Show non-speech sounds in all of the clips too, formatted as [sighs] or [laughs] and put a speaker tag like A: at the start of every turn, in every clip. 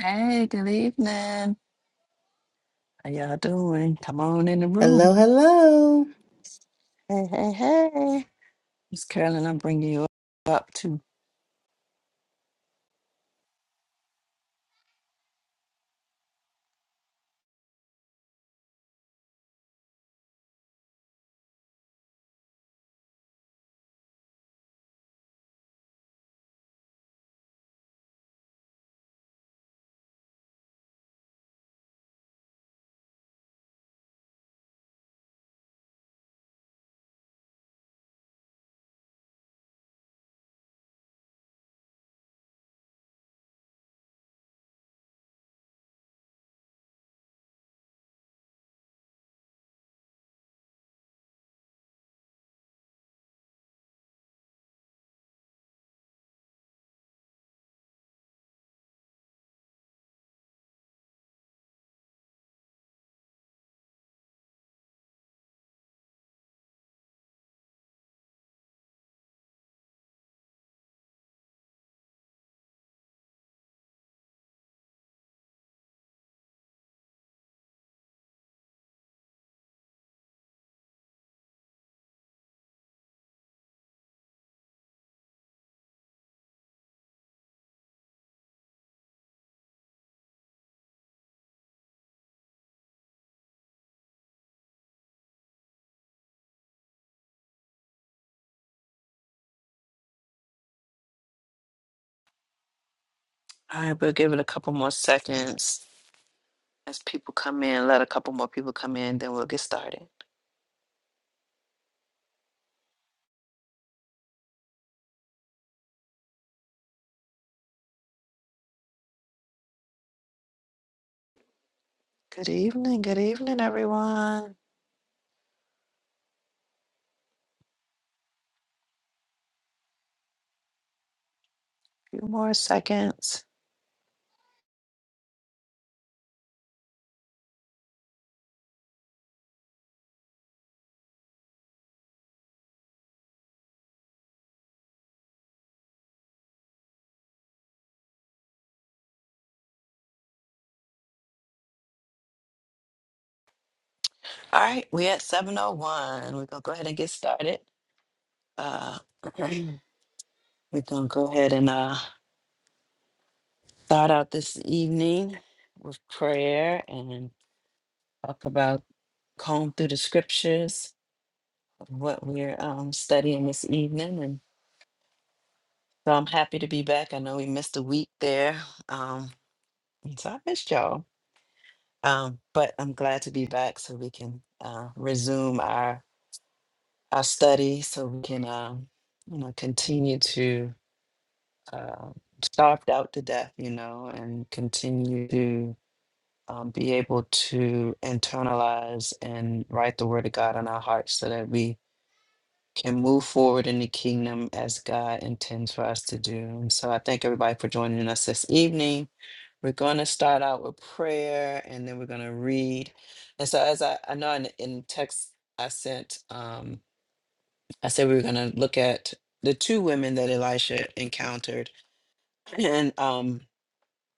A: Hey, good evening. How y'all doing? Come on in the
B: Hello,
A: room.
B: hello.
A: Hey, hey, hey. Miss Carolyn, I'm bringing you up too. All right, we'll give it a couple more seconds as people come in. Let a couple more people come in, then we'll get started. Good evening. Good evening, everyone. few more seconds. All right, we at 701. We're going to go ahead and get started. Uh, [clears throat] we're going to go ahead and uh, start out this evening with prayer and talk about comb through the scriptures of what we're um, studying this evening. And so I'm happy to be back. I know we missed a week there. Um, and so I missed y'all. Um, but I'm glad to be back so we can uh, resume our, our study so we can um, you know, continue to uh, starved out to death, you know, and continue to um, be able to internalize and write the word of God in our hearts so that we can move forward in the kingdom as God intends for us to do. And so I thank everybody for joining us this evening. We're going to start out with prayer and then we're going to read. And so, as I, I know in, in text I sent, um, I said we were going to look at the two women that Elisha encountered. [clears throat] And um,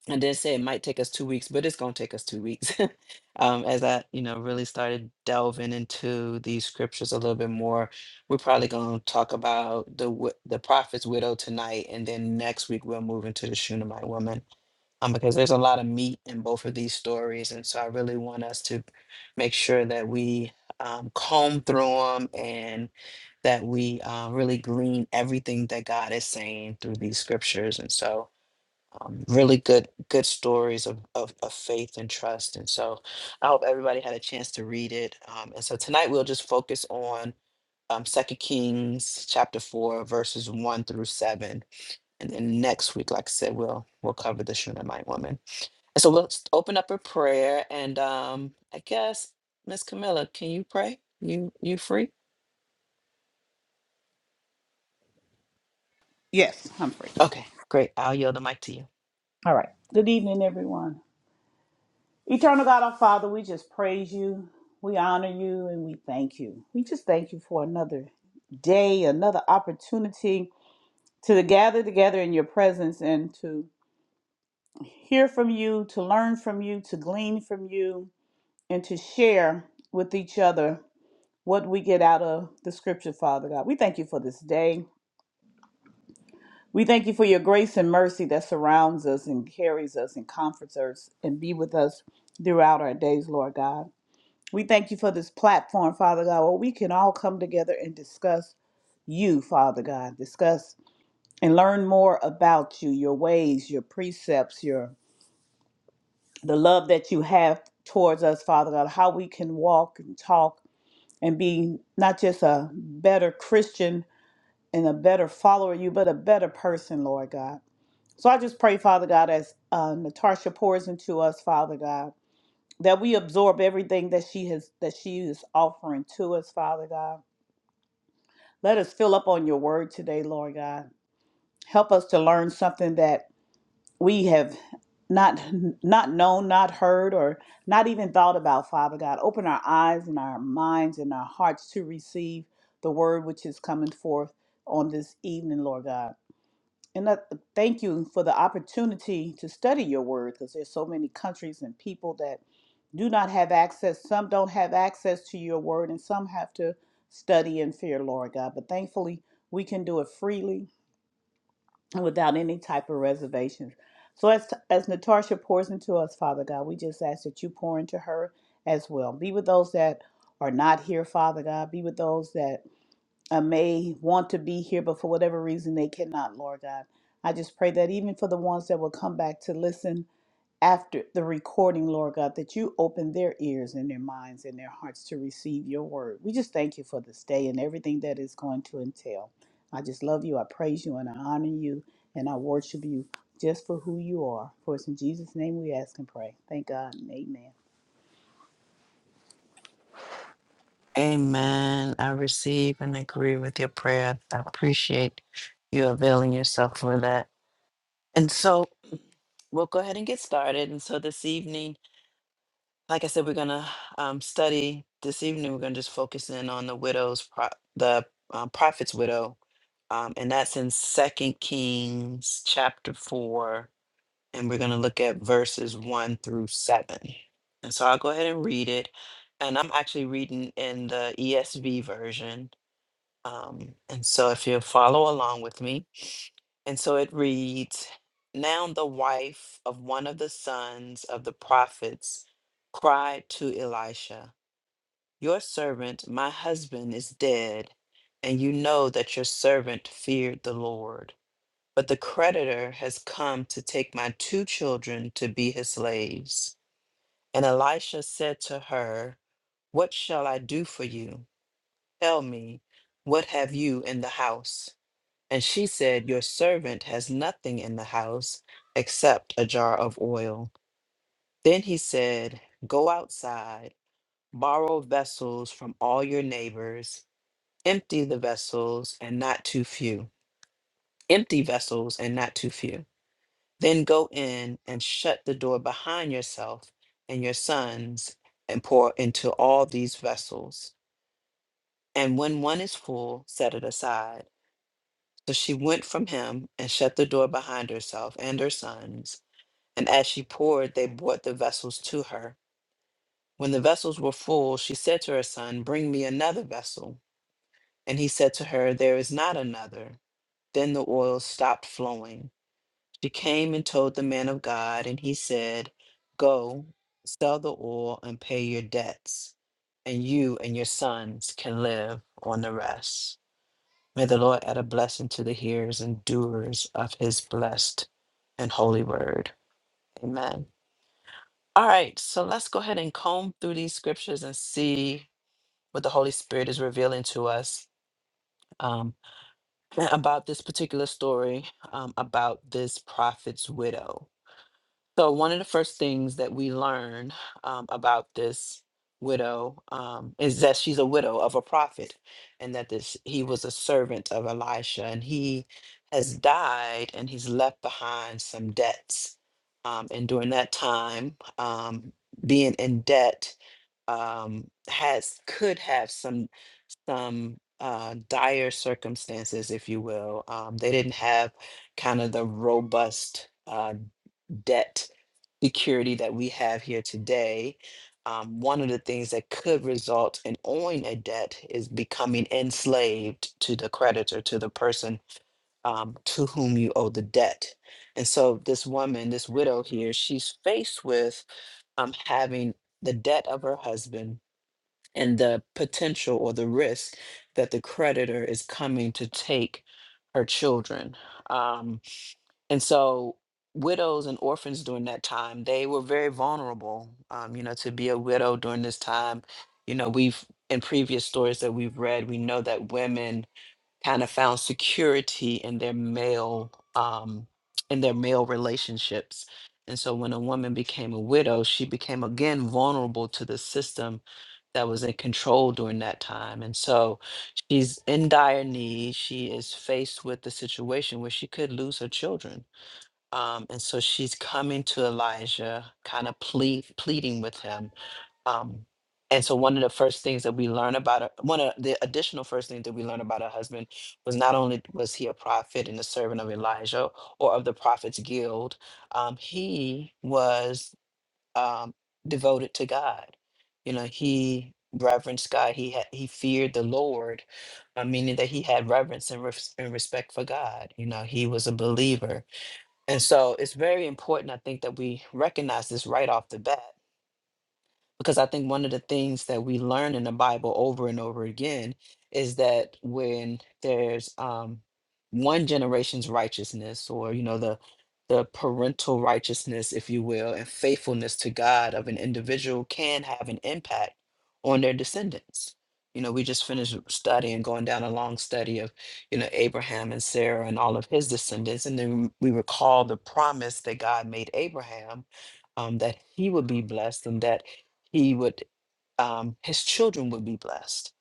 A: I did say it might take us two weeks, but it's gonna take us two weeks. [laughs] um, as I, you know, really started delving into these scriptures a little bit more, we're probably gonna talk about the wi- the prophet's widow tonight, and then next week we'll move into the Shunammite woman, um, because there's a lot of meat in both of these stories, and so I really want us to make sure that we um, comb through them and that we uh, really glean everything that God is saying through these scriptures, and so um, really good good stories of, of of faith and trust and so i hope everybody had a chance to read it um, and so tonight we'll just focus on um, 2 kings chapter 4 verses 1 through 7 and then next week like i said we'll we'll cover the shunammite woman and so we'll s- open up a prayer and um i guess miss camilla can you pray you you free
C: Yes, I'm free.
A: okay great i'll yield the mic to you
C: All right. Good evening, everyone. Eternal God, our Father, we just praise you. We honor you and we thank you. We just thank you for another day, another opportunity to gather together in your presence and to hear from you, to learn from you, to glean from you, and to share with each other what we get out of the scripture, Father God. We thank you for this day. We thank you for your grace and mercy that surrounds us and carries us and comforts us and be with us throughout our days, Lord God. We thank you for this platform, Father God, where we can all come together and discuss you, Father God, discuss and learn more about you, your ways, your precepts, your the love that you have towards us, Father God, how we can walk and talk and be not just a better Christian and a better follower of you, but a better person, Lord God. So I just pray, Father God, as uh, Natasha pours into us, Father God, that we absorb everything that she has that she is offering to us, Father God. Let us fill up on your word today, Lord God. Help us to learn something that we have not not known, not heard, or not even thought about, Father God. Open our eyes and our minds and our hearts to receive the word which is coming forth on this evening, Lord God. And I thank you for the opportunity to study your word because there's so many countries and people that do not have access. Some don't have access to your word and some have to study in fear, Lord God. But thankfully, we can do it freely and without any type of reservations. So as, as Natasha pours into us, Father God, we just ask that you pour into her as well. Be with those that are not here, Father God. Be with those that uh, may want to be here, but for whatever reason they cannot, Lord God. I just pray that even for the ones that will come back to listen after the recording, Lord God, that you open their ears and their minds and their hearts to receive your word. We just thank you for this day and everything that is going to entail. I just love you. I praise you and I honor you and I worship you just for who you are. For it's in Jesus' name we ask and pray. Thank God and amen.
A: Amen. I receive and agree with your prayer. I appreciate you availing yourself for that. And so we'll go ahead and get started. And so this evening, like I said, we're going to um, study. This evening, we're going to just focus in on the widow's, pro- the um, prophet's widow. Um, and that's in Second Kings chapter 4. And we're going to look at verses 1 through 7. And so I'll go ahead and read it. And I'm actually reading in the ESV version. Um, and so if you follow along with me, and so it reads Now the wife of one of the sons of the prophets cried to Elisha, Your servant, my husband, is dead, and you know that your servant feared the Lord. But the creditor has come to take my two children to be his slaves. And Elisha said to her, What shall I do for you? Tell me, what have you in the house? And she said, Your servant has nothing in the house except a jar of oil. Then he said, Go outside, borrow vessels from all your neighbors, empty the vessels and not too few. Empty vessels and not too few. Then go in and shut the door behind yourself and your sons and pour into all these vessels. And when one is full, set it aside. So she went from him and shut the door behind herself and her sons And as she poured, they brought the vessels to her. When the vessels were full, she said to her son, Bring me another vessel. And he said to her, There is not another. Then the oil stopped flowing. She came and told the man of God, and he said, Go, sell the oil and pay your debts, and you and your sons can live on the rest. May the Lord add a blessing to the hearers and doers of his blessed and holy word. Amen. All right, so let's go ahead and comb through these scriptures and see what the Holy Spirit is revealing to us um, about this particular story um, about this prophet's widow. So, one of the first things that we learn um, about this widow um, is that she's a widow of a prophet, and that this he was a servant of Elisha, and he has died, and he's left behind some debts. Um, and during that time, um, being in debt um, has could have some some uh, dire circumstances, if you will. Um, they didn't have kind of the robust. uh, debt security that we have here today, um, one of the things that could result in owing a debt is becoming enslaved to the creditor, to the person um, to whom you owe the debt. And so this woman, this widow here, she's faced with um, having the debt of her husband and the potential or the risk that the creditor is coming to take her children. Um, and so widows and orphans during that time, they were very vulnerable. Um, you know, to be a widow during this time, you know, we've in previous stories that we've read, we know that women kind of found security in their male um in their male relationships. And so when a woman became a widow, she became again vulnerable to the system that was in control during that time. And so she's in dire need. She is faced with the situation where she could lose her children um, and so she's coming to Elijah, kind of plead, pleading with him. Um, and so one of the first things that we learn about her- one of the additional first things that we learn about her husband was not only was he a prophet and a servant of Elijah or of the prophets guild, um, he was um, devoted to God. You know, he reverenced God. He had, he feared the Lord, uh, meaning that he had reverence and, res- and respect for God. You know, he was a believer and so it's very important, I think, that we recognize this right off the bat because I think one of the things that we learn in the Bible over and over again is that when there's um, one generation's righteousness, or you know the the parental righteousness, if you will, and faithfulness to God of an individual can have an impact on their descendants. You know, we just finished studying, going down a long study of, you know, Abraham and Sarah and all of his descendants. And then we recall the promise that God made Abraham um, that he would be blessed and that he would um, his children would be blessed.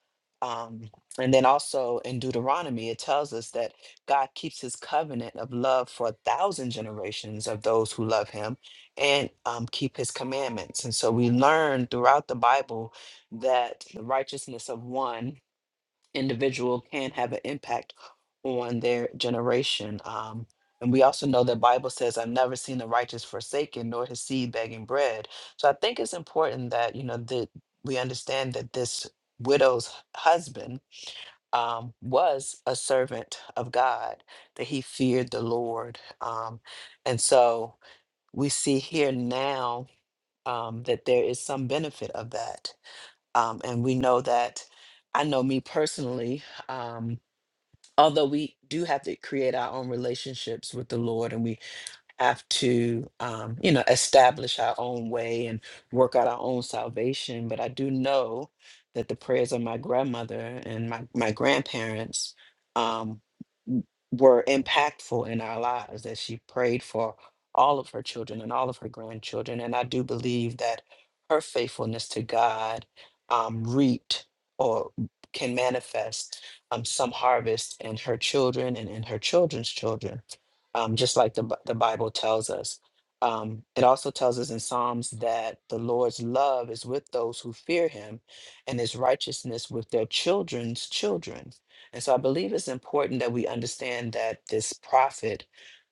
A: Um, and then also in Deuteronomy, it tells us that God keeps his covenant of love for a thousand generations of those who love him and um, keep his commandments. And so we learn throughout the Bible that the righteousness of one individual can have an impact on their generation. Um, and we also know that Bible says, "I've never seen the righteous forsaken, nor his seed begging bread." So I think it's important that you know that we understand that this widow's husband um, was a servant of God, that he feared the Lord, um, and so we see here now um, that there is some benefit of that, um, and we know that. I know me personally. Um, although we do have to create our own relationships with the Lord and we have to, um, you know, establish our own way and work out our own salvation. But I do know that the prayers of my grandmother and my, my grandparents um, w- were impactful in our lives, that she prayed for all of her children and all of her grandchildren. And I do believe that her faithfulness to God um, reaped or can manifest um, some harvest in her children and in her children's children um, just like the, Bi- the Bible tells us. Um, it also tells us in Psalms that the Lord's love is with those who fear him and his righteousness with their children's children. And so I believe it's important that we understand that this prophet,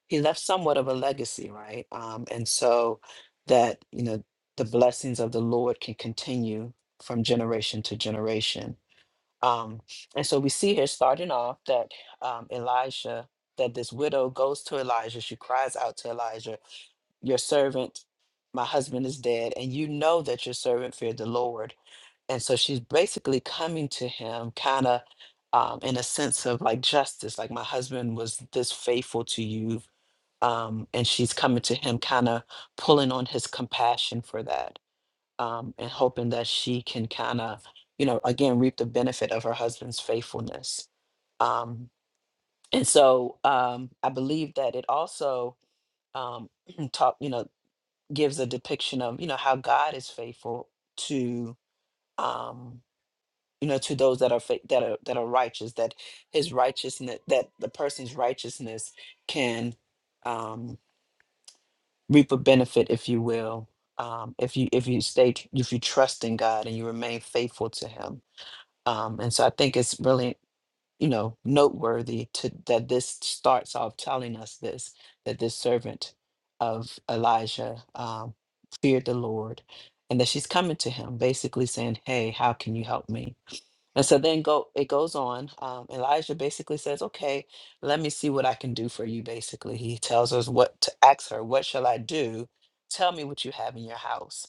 A: he left somewhat of a legacy, right? Um, and so that, you know, the blessings of the Lord can continue from generation to generation. Um, and so we see here starting off that um, Elijah, that this widow goes to Elijah. She cries out to Elijah, Your servant, my husband is dead, and you know that your servant feared the Lord. And so she's basically coming to him, kind of um, in a sense of like justice, like my husband was this faithful to you. Um, and she's coming to him, kind of pulling on his compassion for that um, and hoping that she can kind of, you know, again, reap the benefit of her husband's faithfulness. Um, and so um, I believe that it also um, [clears throat] taught, you know, gives a depiction of, you know, how God is faithful to, um, you know, to those that are fa- that are that are righteous, that his righteousness, that the person's righteousness can um, reap a benefit, if you will, um, if you if you stay, tr- if you trust in God and you remain faithful to Him Um, and so I think it's really, you know, noteworthy to that this starts off telling us this that this servant of Elijah um, feared the Lord, and that she's coming to him, basically saying, "Hey, how can you help me?" And so then go it goes on. Um, Elijah basically says, "Okay, let me see what I can do for you." Basically, he tells us what to ask her. What shall I do? Tell me what you have in your house.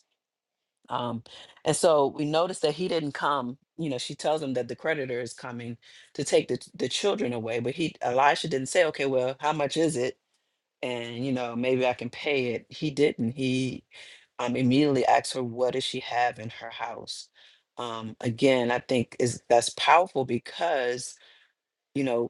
A: Um, and so we noticed that he didn't come. You know, she tells him that the creditor is coming to take the the children away, but he Elisha didn't say, okay, well, how much is it? And you know, maybe I can pay it. He didn't. He um, immediately asked her, what does she have in her house? Um, again, I think is that's powerful because you know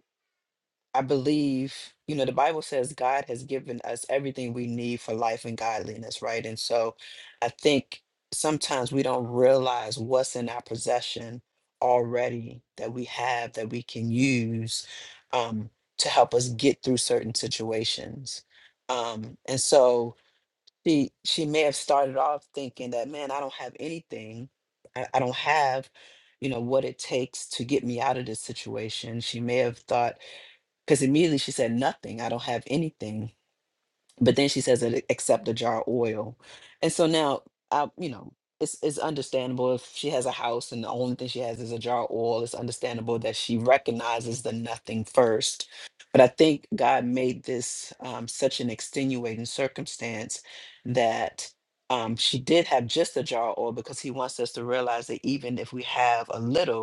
A: I believe, you know, the Bible says God has given us everything we need for life and godliness, right? And so I think sometimes we don't realize what's in our possession already that we have that we can use um, to help us get through certain situations. Um, and so she she may have started off thinking that, man, I don't have anything. I, I don't have, you know, what it takes to get me out of this situation. She may have thought because immediately she said, Nothing, I don't have anything. But then she says, "E- Except a jar of oil. And so now, I, you know, it's, it's understandable if she has a house and the only thing she has is a jar of oil, it's understandable that she recognizes the nothing first. But I think God made this um, such an extenuating circumstance that um, she did have just a jar of oil because He wants us to realize that even if we have a little,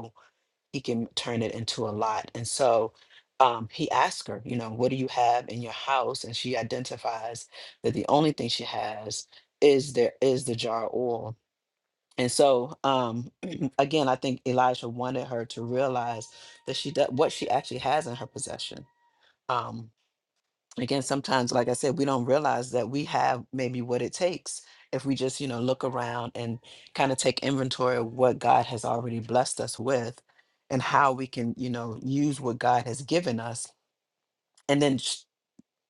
A: he can turn it into a lot. And so um, he asked her, you know, what do you have in your house? And she identifies that the only thing she has is there is the jar of oil. And so um, [clears throat] again, I think Elijah wanted her to realize that she does what she actually has in her possession. um, again sometimes like i said we don't realize that we have maybe what it takes if we just you know look around and kind of take inventory of what god has already blessed us with and how we can you know use what god has given us and then sh-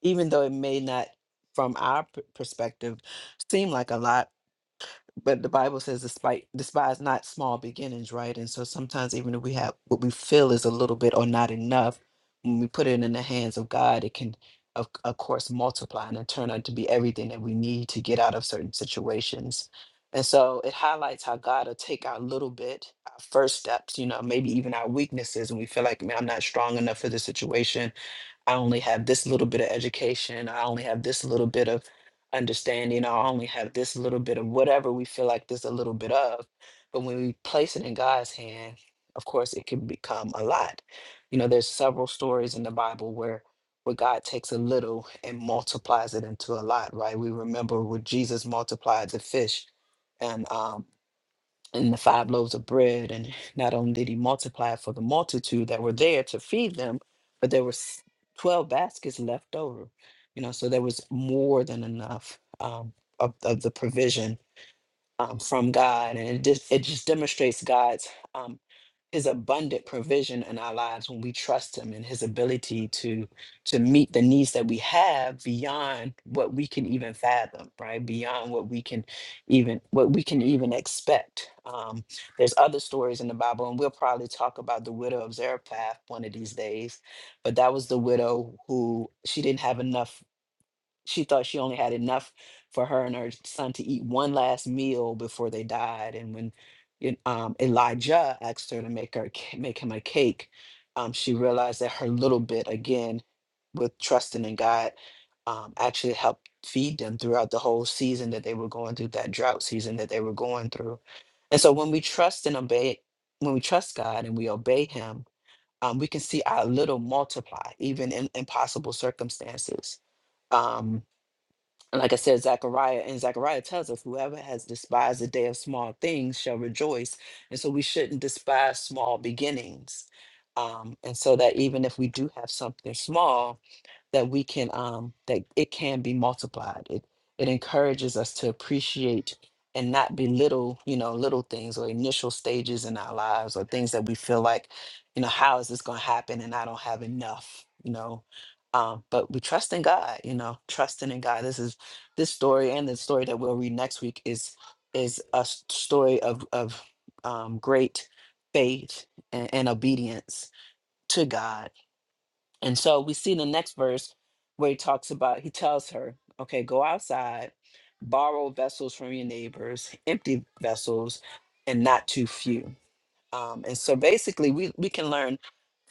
A: even though it may not from our p- perspective seem like a lot but the Bible says despite despise not small beginnings, right? And so sometimes even if we have what we feel is a little bit or not enough, when we put it in the hands of God, it can of, of course multiply and then turn out to be everything that we need to get out of certain situations. And so it highlights how God will take our little bit, our first steps, you know, maybe even our weaknesses, and we feel like, man, I'm not strong enough for this situation. I only have this little bit of education. I only have this little bit of Understanding, I only have this little bit of whatever we feel like there's a little bit of. But when we place it in God's hand, of course, it can become a lot. You know, there's several stories in the Bible where where God takes a little and multiplies it into a lot, right? We remember when Jesus multiplied the fish, and um and the five loaves of bread. And not only did he multiply for the multitude that were there to feed them, but there was 12 baskets left over. You know, so there was more than enough um, of, of the provision um, from God, and it just it just demonstrates God's um, His abundant provision in our lives when we trust Him and His ability to to meet the needs that we have beyond what we can even fathom, right? Beyond what we can even what we can even expect. Um, there's other stories in the Bible, and we'll probably talk about the widow of Zarephath one of these days. But that was the widow who she didn't have enough she thought she only had enough for her and her son to eat one last meal before they died. And when it- um, Elijah asked her to make her ca- make him a cake, um, she realized that her little bit, again, with trusting in God, um, actually helped feed them throughout the whole season that they were going through, that drought season that they were going through. And so when we trust and obey, when we trust God and we obey Him, um, we can see our little multiply, even in impossible circumstances. Um, and like I said, Zechariah and Zechariah tells us whoever has despised the day of small things shall rejoice. And so we shouldn't despise small beginnings. Um, and so that even if we do have something small, that we can um that it can be multiplied it it encourages us to appreciate and not belittle you know little things or initial stages in our lives or things that we feel like you know how is this going to happen and i don't have enough you know um but we trust in god you know trusting in god this is this story and the story that we'll read next week is is a s- story of of um great faith and, and obedience to god and so we see in the next verse where he talks about, he tells her, okay, go outside, borrow vessels from your neighbors, empty vessels, and not too few. Um, and so basically, we, we can learn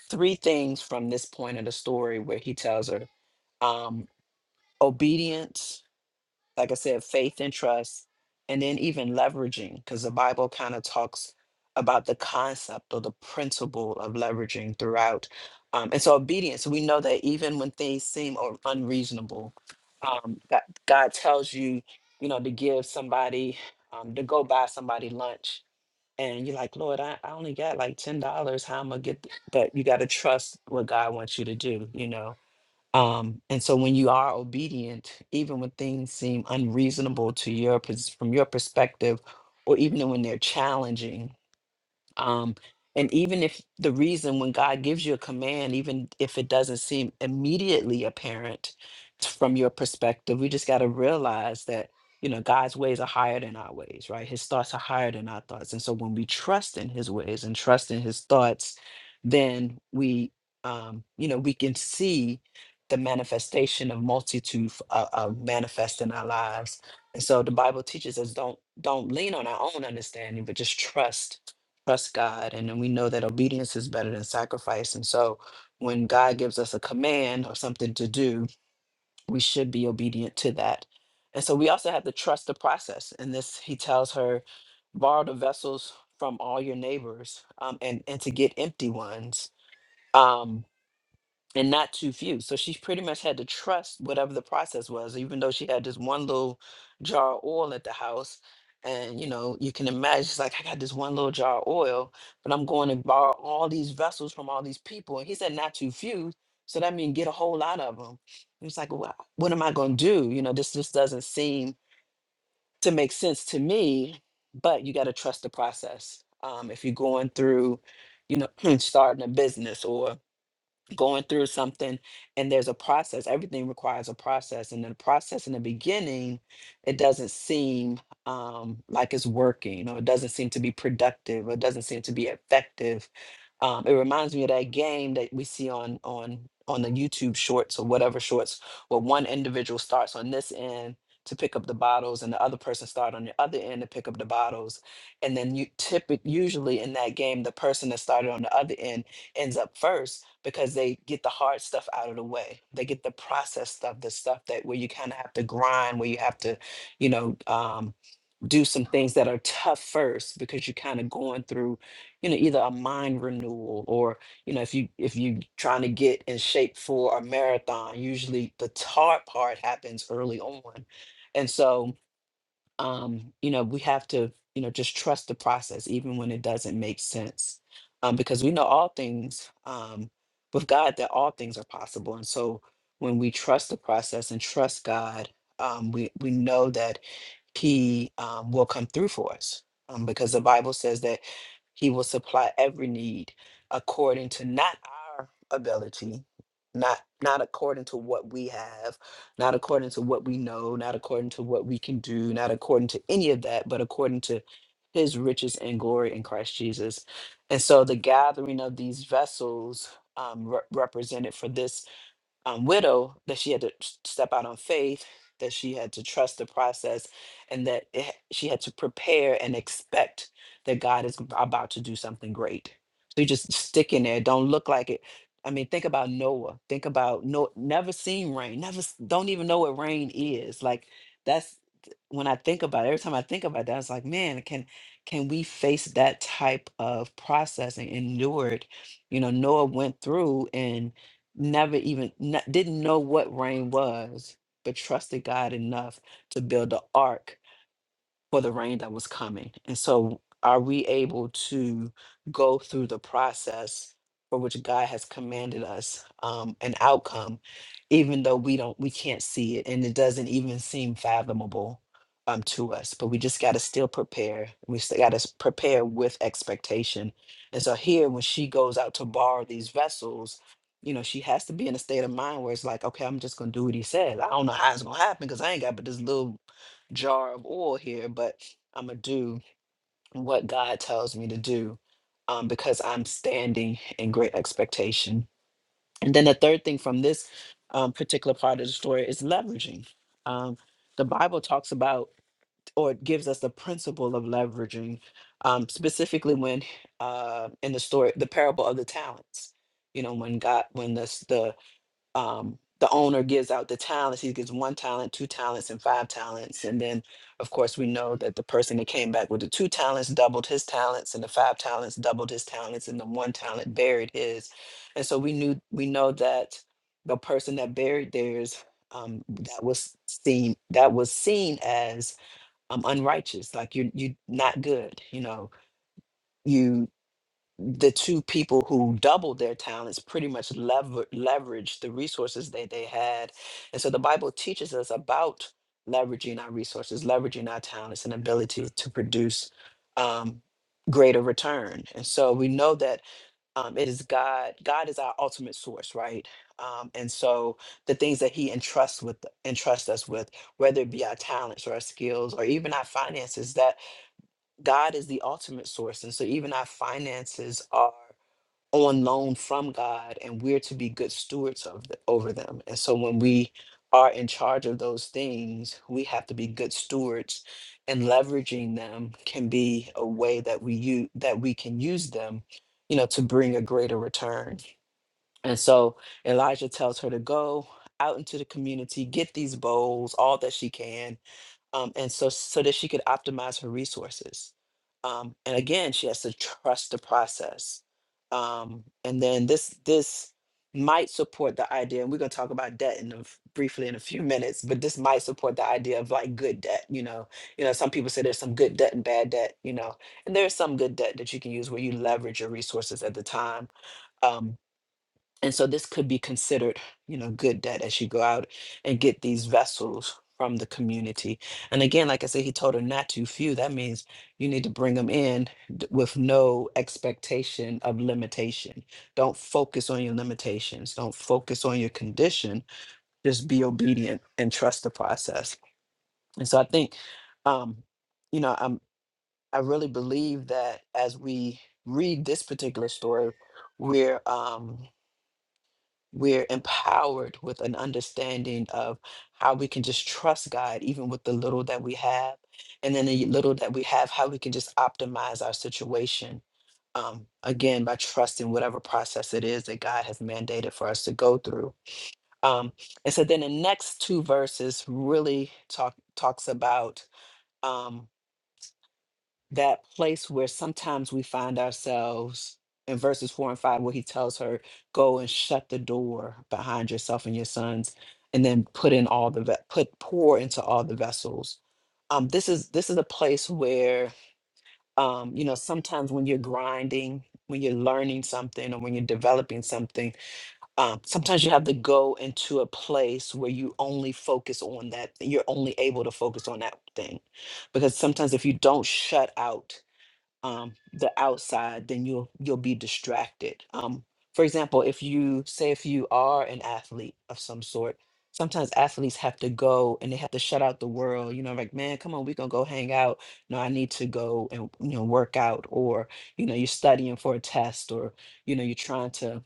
A: three things from this point of the story where he tells her um, obedience, like I said, faith and trust, and then even leveraging, because the Bible kind of talks about the concept or the principle of leveraging throughout. Um, and so obedience, we know that even when things seem or unreasonable, um, that God tells you, you know, to give somebody, um, to go buy somebody lunch. And you're like, Lord, I, I only got like $10. How am I going to get? th-" But you got to trust what God wants you to do, you know? Um, and so when you are obedient, even when things seem unreasonable to your pers- from your perspective, or even when they're challenging, um, and even if the reason when God gives you a command, even if it doesn't seem immediately apparent t- from your perspective, we just got to realize that, you know, God's ways are higher than our ways, right? His thoughts are higher than our thoughts. And so when we trust in his ways and trust in his thoughts, then we, um, you know, we can see the manifestation of multitude uh, uh, manifest in our lives. And so the Bible teaches us don't don't lean on our own understanding, but just trust trust God. And then we know that obedience is better than sacrifice. And so when God gives us a command or something to do, we should be obedient to that. And so we also have to trust the process. And this, he tells her, borrow the vessels from all your neighbors um, and, and to get empty ones. Um, and not too few. So she pretty much had to trust whatever the process was, even though she had this one little jar of oil at the house. And you know, you can imagine she's like, I got this one little jar of oil, but I'm going to borrow all these vessels from all these people. And he said, not too few. So that means get a whole lot of them. And it's like, well, what am I going to do? You know, this just doesn't seem to make sense to me. But you got to trust the process. Um, if you're going through, you know, [clears throat] starting a business or going through something and there's a process everything requires a process and the process in the beginning it doesn't seem um, like it's working or it doesn't seem to be productive or it doesn't seem to be effective um, it reminds me of that game that we see on on on the youtube shorts or whatever shorts where one individual starts on this end to pick up the bottles and the other person start on the other end to pick up the bottles and then you typically usually in that game the person that started on the other end ends up first because they get the hard stuff out of the way. They get the process stuff, the stuff that where you kind of have to grind, where you have to, you know, um, do some things that are tough first because you're kind of going through, you know, either a mind renewal or, you know, if you if you trying to get in shape for a marathon, usually the hard part happens early on. And so um, you know, we have to, you know, just trust the process, even when it doesn't make sense. Um, because we know all things um, with God, that all things are possible. And so when we trust the process and trust God, um, we, we know that He um, will come through for us. Um, because the Bible says that He will supply every need according to not our ability, not not according to what we have not according to what we know, not according to what we can do, not according to any of that, but according to his riches and glory in Christ Jesus. And so the gathering of these vessels um, re- represented for this um, widow that she had to s- step out on faith, that she had to trust the process, and that it, ha- she had to prepare and expect that God is about to do something great. So you just stick in there. Don't look like it. I mean, think about Noah. Think about no, never seen rain. Never, s- don't even know what rain is. Like that's when I think about it, every time I think about that, it's like, man, can can we face that type of process and endure it? You know, Noah went through and never even kn- didn't know what rain was, but trusted God enough to build the ark for the rain that was coming. And so, are we able to go through the process for which God has commanded us um, an outcome, even though we don't, we can't see it, and it doesn't even seem fathomable um, to us? But we just got to still prepare. We still got to prepare with expectation. And so here, when she goes out to borrow these vessels. You know, she has to be in a state of mind where it's like, okay, I'm just gonna do what he says. I don't know how it's gonna happen because I ain't got but this little jar of oil here, but I'm going to do what God tells me to do um, because I'm standing in great expectation. And then the third thing from this um, particular part of the story is leveraging. Um, the Bible talks about or it gives us the principle of leveraging, um, specifically when uh, in the story, the parable of the talents. You know, when God, when the the um, the owner gives out the talents. He gives one talent, two talents, and five talents. And then, of course, we know that the person that came back with the two talents doubled his talents, and the five talents doubled his talents, and the one talent buried his. And so we knew we know that the person that buried theirs um, that was seen that was seen as um, unrighteous, like you're you're not good, you know the two people who doubled their talents pretty much lever- leveraged the resources that they had. And so the Bible teaches us about leveraging our resources, leveraging our talents and ability to produce um, greater return. And so we know that um, it is God, God is our ultimate source, right? Um, and so the things that he entrusts with entrusts us with, whether it be our talents or our skills or even our finances, that God is the ultimate source. And so even our finances are on loan from God, and we're to be good stewards of the, over them. And so when we are in charge of those things, we have to be good stewards, and leveraging them can be a way that we use that we can use them, you know, to bring a greater return. And so Elijah tells her to go out into the community, get these bowls, all that she can, um, and so so that she could optimize her resources. Um, and again, she has to trust the process. Um, and then this this might support the idea, and we're gonna talk about debt in a, f- briefly in a few minutes. But this might support the idea of like good debt. You know, you know, some people say there's some good debt and bad debt. You know, and there's some good debt that you can use where you leverage your resources at the time. Um, and so this could be considered, you know, good debt as you go out and get these vessels from the community. And again, like I said, he told her not too few. That means you need to bring them in d- with no expectation of limitation. Don't focus on your limitations. Don't focus on your condition. Just be obedient and trust the process. And so I think, um, you know, I'm I really believe that as we read this particular story, we're um, we're empowered with an understanding of how we can just trust God, even with the little that we have. And then the little that we have, how we can just optimize our situation. Um, again, by trusting whatever process it is that God has mandated for us to go through. Um, and so then the next two verses really talk talks about um, that place where sometimes we find ourselves in verses four and five, where he tells her, "Go and shut the door behind yourself and your sons, and then put in all the ve- put pour into all the vessels." Um, this is this is a place where um, you know sometimes when you're grinding, when you're learning something, or when you're developing something, um, sometimes you have to go into a place where you only focus on that. You're only able to focus on that thing, because sometimes if you don't shut out um, the outside, then you'll you'll be distracted. Um, for example, if you say if you are an athlete of some sort, sometimes athletes have to go and they have to shut out the world. You know, like man, come on, we gonna go hang out. No, I need to go and you know work out, or you know you're studying for a test, or you know you're trying to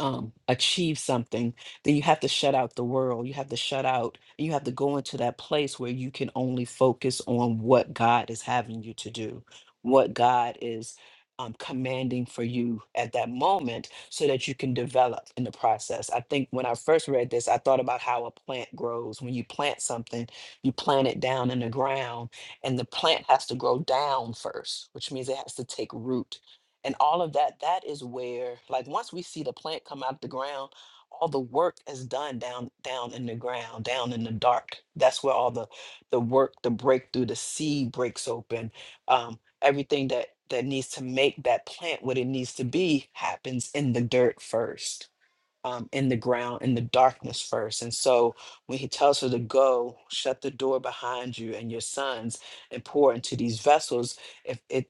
A: um, achieve something, then you have to shut out the world. You have to shut out, you have to go into that place where you can only focus on what God is having you to do, what God is um, commanding for you at that moment so that you can develop in the process. I think when I first read this, I thought about how a plant grows. When you plant something, you plant it down in the ground, and the plant has to grow down first, which means it has to take root and all of that that is where like once we see the plant come out the ground all the work is done down down in the ground down in the dark that's where all the the work the breakthrough the seed breaks open um, everything that that needs to make that plant what it needs to be happens in the dirt first um, in the ground in the darkness first and so when he tells her to go shut the door behind you and your sons and pour into these vessels if it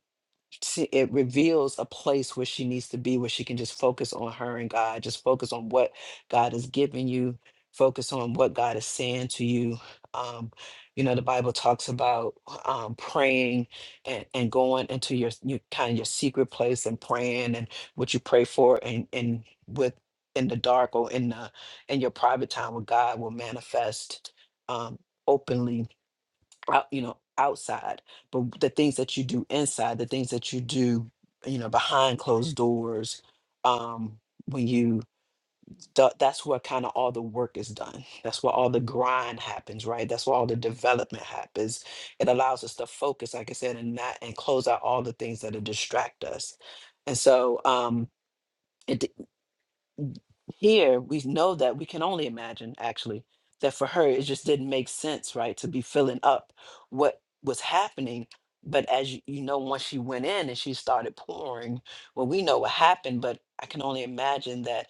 A: see, it reveals a place where she needs to be, where she can just focus on her and God, just focus on what God has given you, focus on what God is saying to you. Um, you know, the Bible talks about um, praying and, and going into your, your kind of your secret place and praying and what you pray for and and with in the dark or in the in your private time with God will manifest um, openly out, you know, outside, but the things that you do inside, the things that you do, you know, behind closed doors, um, when you th- that's where kind of all the work is done. That's where all the grind happens, right? That's where all the development happens. It allows us to focus, like I said, and not and close out all the things that distract us. And so um, it here, we know that we can only imagine, actually, that for her, it just didn't make sense, right, to be filling up what was happening. But as you, you know, once she went in and she started pouring, well, we know what happened, but I can only imagine that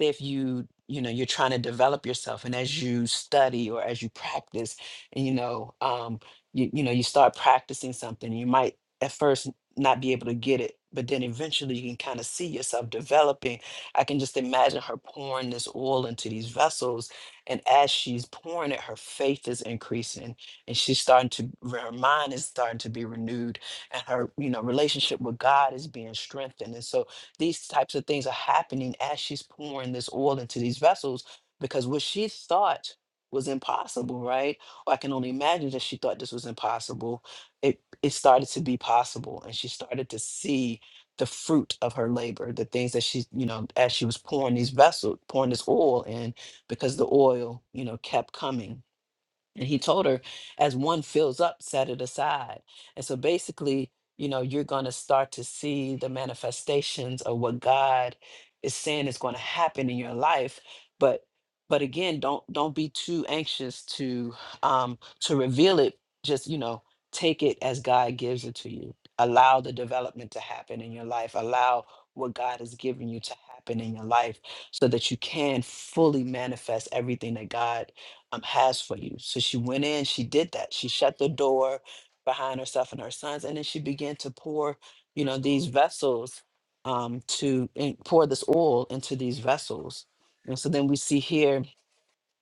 A: if you, you know, you're trying to develop yourself and as you study or as you practice, and you know, um, you, you know, you start practicing something, you might at first not be able to get it, but then eventually you can kind of see yourself developing I can just imagine her pouring this oil into these vessels. And as she's pouring it, her faith is increasing and she's starting to, her mind is starting to be renewed and her, you know, relationship with God is being strengthened. And so these types of things are happening as she's pouring this oil into these vessels because what she thought was impossible, right? Or I can only imagine that she thought this was impossible. It it started to be possible and she started to see the fruit of her labor, the things that she, you know, as she was pouring these vessels, pouring this oil in, because the oil, you know, kept coming and he told her, as one fills up, set it aside. And so basically, you know, you're going to start to see the manifestations of what God is saying is going to happen in your life. But but again, don't don't be too anxious to um to reveal it. Just you know, take it as God gives it to you. Allow the development to happen in your life. Allow what God has given you to happen in your life, so that you can fully manifest everything that God um, has for you. So she went in, she did that. She shut the door behind herself and her sons, and then she began to pour, you know, these vessels um, to and pour this oil into these vessels. And so then we see here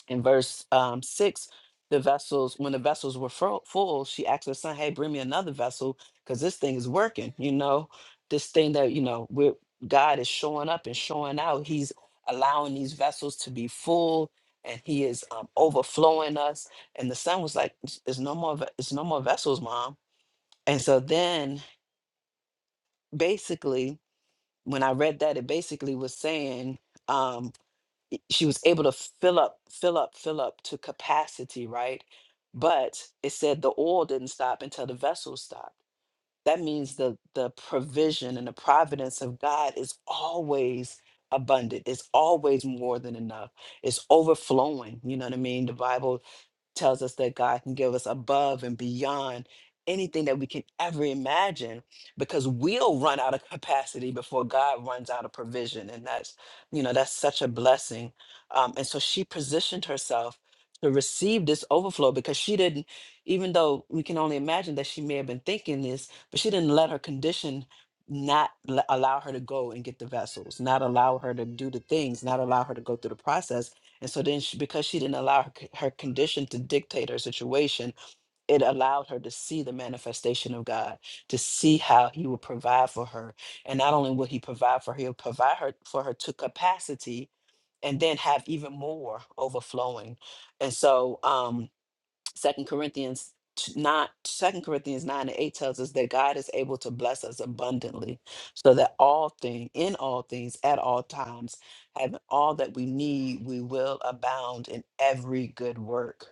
A: in verse um, six, the vessels, when the vessels were fro- full, she asked her son, Hey, bring me another vessel because this thing is working. You know, this thing that, you know, we're, God is showing up and showing out. He's allowing these vessels to be full and he is um, overflowing us. And the son was like, "It's it's no more, ve- it's no more vessels, mom. And so then basically, when I read that, it basically was saying, um, she was able to fill up, fill up, fill up to capacity, right? But it said the oil didn't stop until the vessel stopped. That means the the provision and the providence of God is always abundant. It's always more than enough. It's overflowing. You know what I mean? The Bible tells us that God can give us above and beyond anything that we can ever imagine because we'll run out of capacity before God runs out of provision. And that's, you know, that's such a blessing. Um, and so she positioned herself to receive this overflow because she didn't, even though we can only imagine that she may have been thinking this, but she didn't let her condition not l- allow her to go and get the vessels, not allow her to do the things, not allow her to go through the process and so then, she, because she didn't allow her, c- her condition to dictate her situation, it allowed her to see the manifestation of God, to see how He would provide for her. And not only will He provide for her, He'll provide her for her to capacity and then have even more overflowing. And so, um, Second Corinthians t- nine, Second Corinthians nine and eight tells us that God is able to bless us abundantly, so that all thing, in all things, at all times, having all that we need, we will abound in every good work.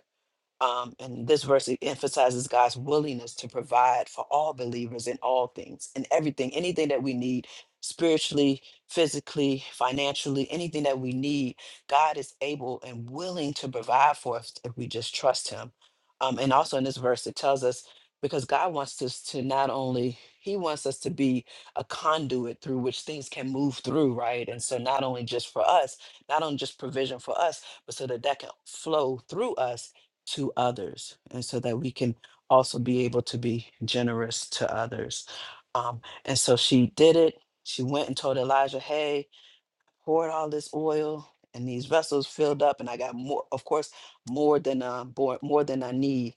A: Um, and this verse e- emphasizes God's willingness to provide for all believers in all things, in everything, anything that we need spiritually, physically, financially, anything that we need, God is able and willing to provide for us if we just trust Him. Um, and also in this verse, it tells us because God wants us to not only, He wants us to be a conduit through which things can move through, right? And so not only just for us, not only just provision for us, but so that that can flow through us to others and so that we can also be able to be generous to others um, and so she did it she went and told elijah hey poured all this oil and these vessels filled up and i got more of course more than uh, bor- more than i need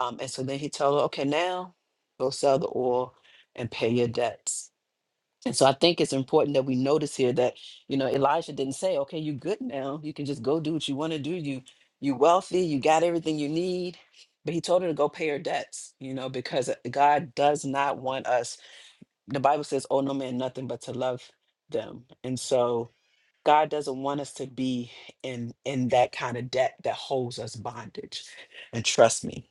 A: um, and so then he told her okay now go sell the oil and pay your debts and so I think it's important that we notice here that, you know, Elijah didn't say, okay, you good now. You can just go do what you want to do. You you wealthy, you got everything you need. But he told her to go pay her debts, you know, because God does not want us. The Bible says, oh no man nothing but to love them. And so God doesn't want us to be in in that kind of debt that holds us bondage. And trust me,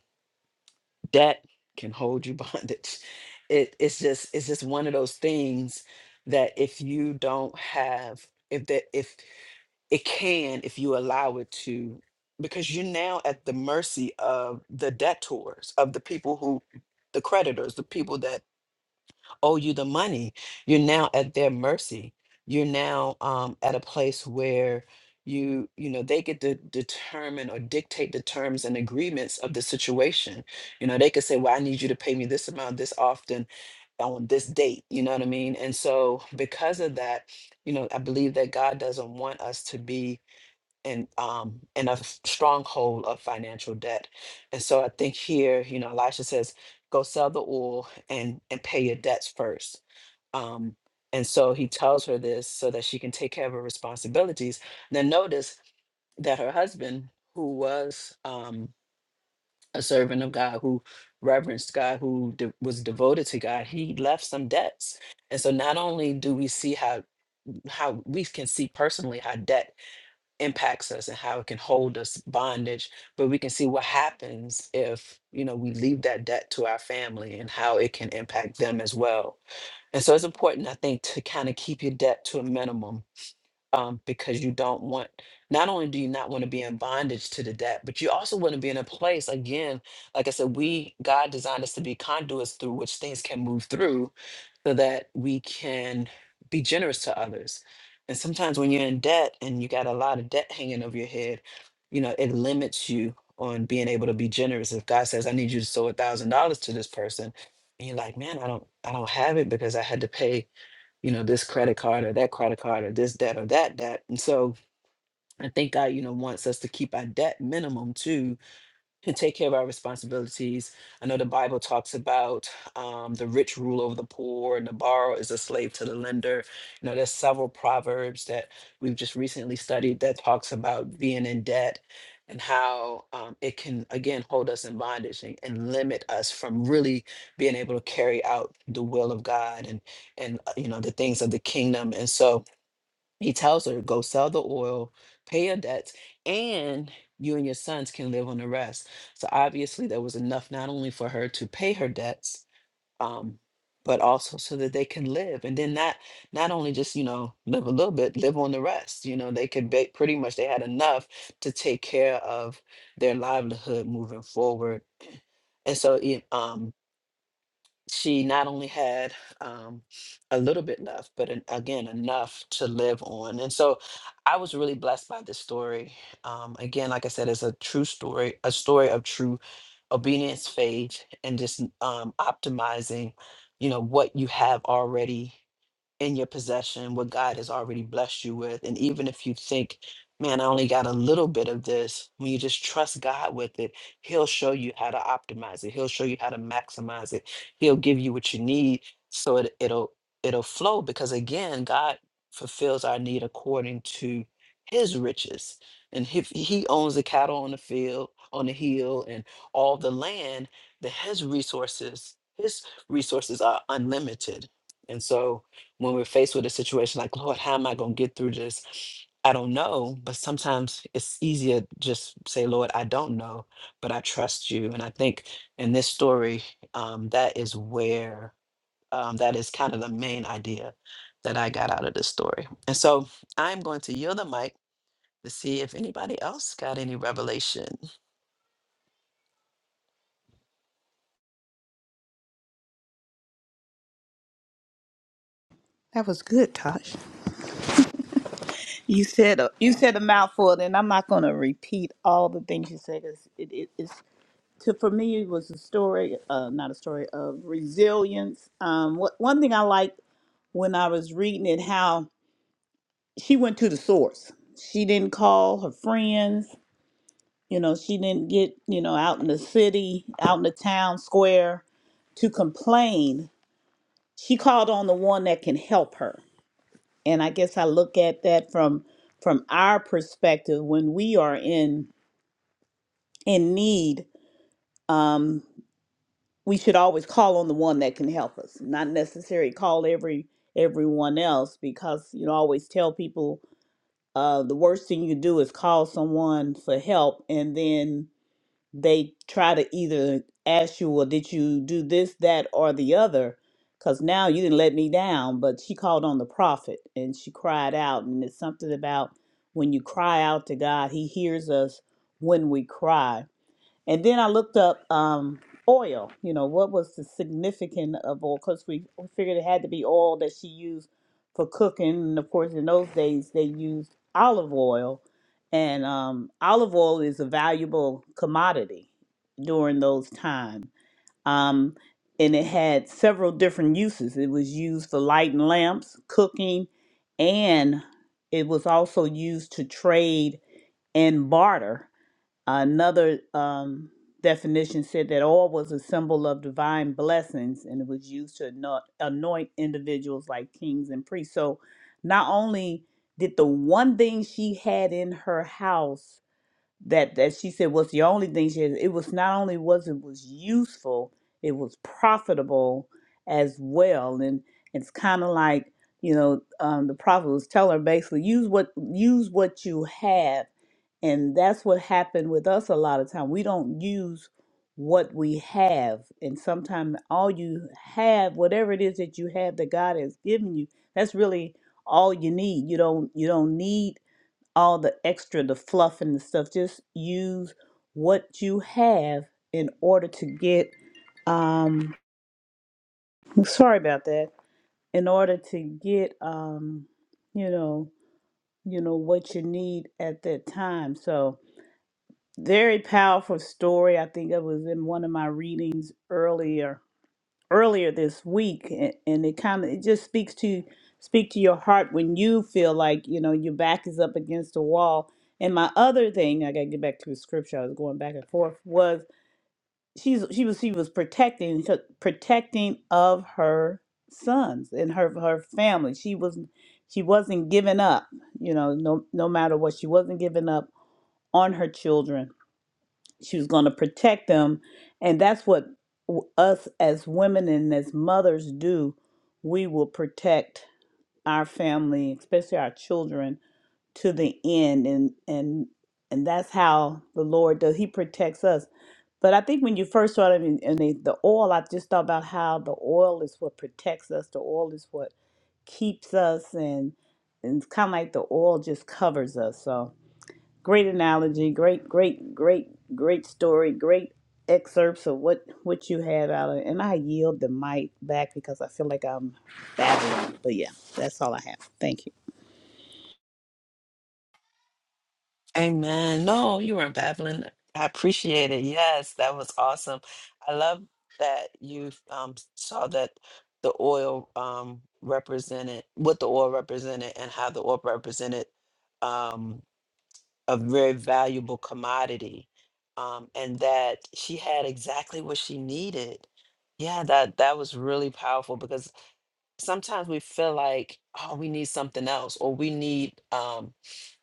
A: debt can hold you [laughs] bondage. It it's just it's just one of those things that if you don't have if that if it can if you allow it to because you're now at the mercy of the debtors of the people who the creditors the people that owe you the money. You're now at their mercy. You're now um, at a place where you you know they get to determine or dictate the terms and agreements of the situation. You know they could say, "Well, I need you to pay me this amount this often on this date." You know what I mean? And so because of that, you know I believe that God doesn't want us to be and um and a f- stronghold of financial debt. And so I think here, you know, Elisha says, go sell the oil and and pay your debts first. Um and so he tells her this so that she can take care of her responsibilities. Then notice that her husband, who was um, a servant of God, who reverenced God, who de- was devoted to God, he left some debts. And so not only do we see how how we can see personally how debt impacts us and how it can hold us bondage but we can see what happens if you know we leave that debt to our family and how it can impact them as well and so it's important i think to kind of keep your debt to a minimum um, because you don't want not only do you not want to be in bondage to the debt but you also want to be in a place again like i said we god designed us to be conduits through which things can move through so that we can be generous to others and sometimes when you're in debt and you got a lot of debt hanging over your head you know it limits you on being able to be generous if god says i need you to sow a thousand dollars to this person and you're like man i don't i don't have it because i had to pay you know, this credit card or that credit card or this debt or that debt. And so I think God, you know, wants us to keep our debt minimum too and take care of our responsibilities. I know the Bible talks about um, the rich rule over the poor, and the borrower is a slave to the lender. You know, there's several proverbs that we've just recently studied that talks about being in debt and how um, it can again hold us in bondage and, and limit us from really being able to carry out the will of God and and uh, you know the things of the kingdom. And so he tells her, go sell the oil, pay your debts, and you and your sons can live on the rest. So obviously, there was enough not only for her to pay her debts, um, but also so that they can live. And then not not only just you know live a little bit, live on the rest. You know, they could ba- pretty much they had enough to take care of their livelihood moving forward. And so, yeah, um, she not only had um, a little bit left, but an, again, enough to live on. And so I was really blessed by this story. Um, again, like I said, it's a true story, a story of true obedience, faith, and just um, optimizing, you know, what you have already in your possession, what God has already blessed you with. And even if you think, man, I only got a little bit of this, when you just trust God with it, He'll show you how to optimize it. He'll show you how to maximize it. He'll give you what you need so it, it'll it'll flow because again, God fulfills our need according to his riches. And if he owns the cattle on the field, on the hill, and all the land, that his resources, his resources are unlimited. And so when we're faced with a situation like, Lord, how am I going to get through this? I don't know, but sometimes it's easier just say, Lord, I don't know, but I trust you. And I think in this story, um, that is where um, that is kind of the main idea that I got out of this story. And so I'm going to yield the mic to see if anybody else got any revelation
C: That was good, Tosh. You said a, you said a mouthful, and I'm not going to repeat all the things you said. It's, it, it, it's to for me it was a story, uh, not a story of resilience. Um, what, one thing I liked when I was reading it, how she went to the source. She didn't call her friends. You know, she didn't get you know out in the city, out in the town square, to complain. She called on the one that can help her. And I guess I look at that from from our perspective when we are in in need, um, we should always call on the one that can help us, not necessarily call every everyone else because you know I always tell people uh, the worst thing you do is call someone for help and then they try to either ask you, well, did you do this, that, or the other? Because now you didn't let me down, but she called on the prophet and she cried out. And it's something about when you cry out to God, He hears us when we cry and then I looked up um, oil. You know, what was the significance of oil? Because we we figured it had to be oil that she used for cooking. And of course, in those days, they used olive oil. And um, olive oil is a valuable commodity during those times. Um, and it had several different uses. It was used for lighting lamps, cooking, and it was also used to trade and barter Another um, definition said that oil was a symbol of divine blessings and it was used to anoint, anoint individuals like kings and priests. So not only did the one thing she had in her house that that she said was the only thing she had. It was not only was it was useful, it was profitable as well. And it's kind of like you know um, the prophet was telling her basically use what use what you have, and that's what happened with us a lot of time. We don't use what we have, and sometimes all you have, whatever it is that you have that God has given you, that's really all you need. You don't you don't need all the extra, the fluff and the stuff. Just use what you have in order to get. Um, [laughs] sorry about that. In order to get, um, you know, you know what you need at that time. So very powerful story. I think it was in one of my readings earlier earlier this week a- and it kind of it just speaks to speak to your heart when you feel like you know your back is up against the wall and my other thing i gotta get back to the scripture i was going back and forth was she's she was she was protecting so, protecting of her sons and her her family she was she wasn't giving up you know no no matter what she wasn't giving up on her children she was going to protect them and that's what w- us as women and as mothers do we will protect our family especially our children to the end and and and that's how the lord does he protects us but i think when you first started in, in the, the oil i just thought about how the oil is what protects us the oil is what keeps us and, and it's kind of like the oil just covers us so Great analogy, great, great, great, great story, great excerpts of what what you had out of it. And I yield the mic back because I feel like I'm babbling. But yeah, that's all I have. Thank you.
A: Amen. No, you weren't babbling. I appreciate it. Yes, that was awesome. I love that you um, saw that the oil um, represented what the oil represented and how the oil represented um, a very valuable commodity, um, and that she had exactly what she needed. Yeah, that that was really powerful because sometimes we feel like oh we need something else or we need um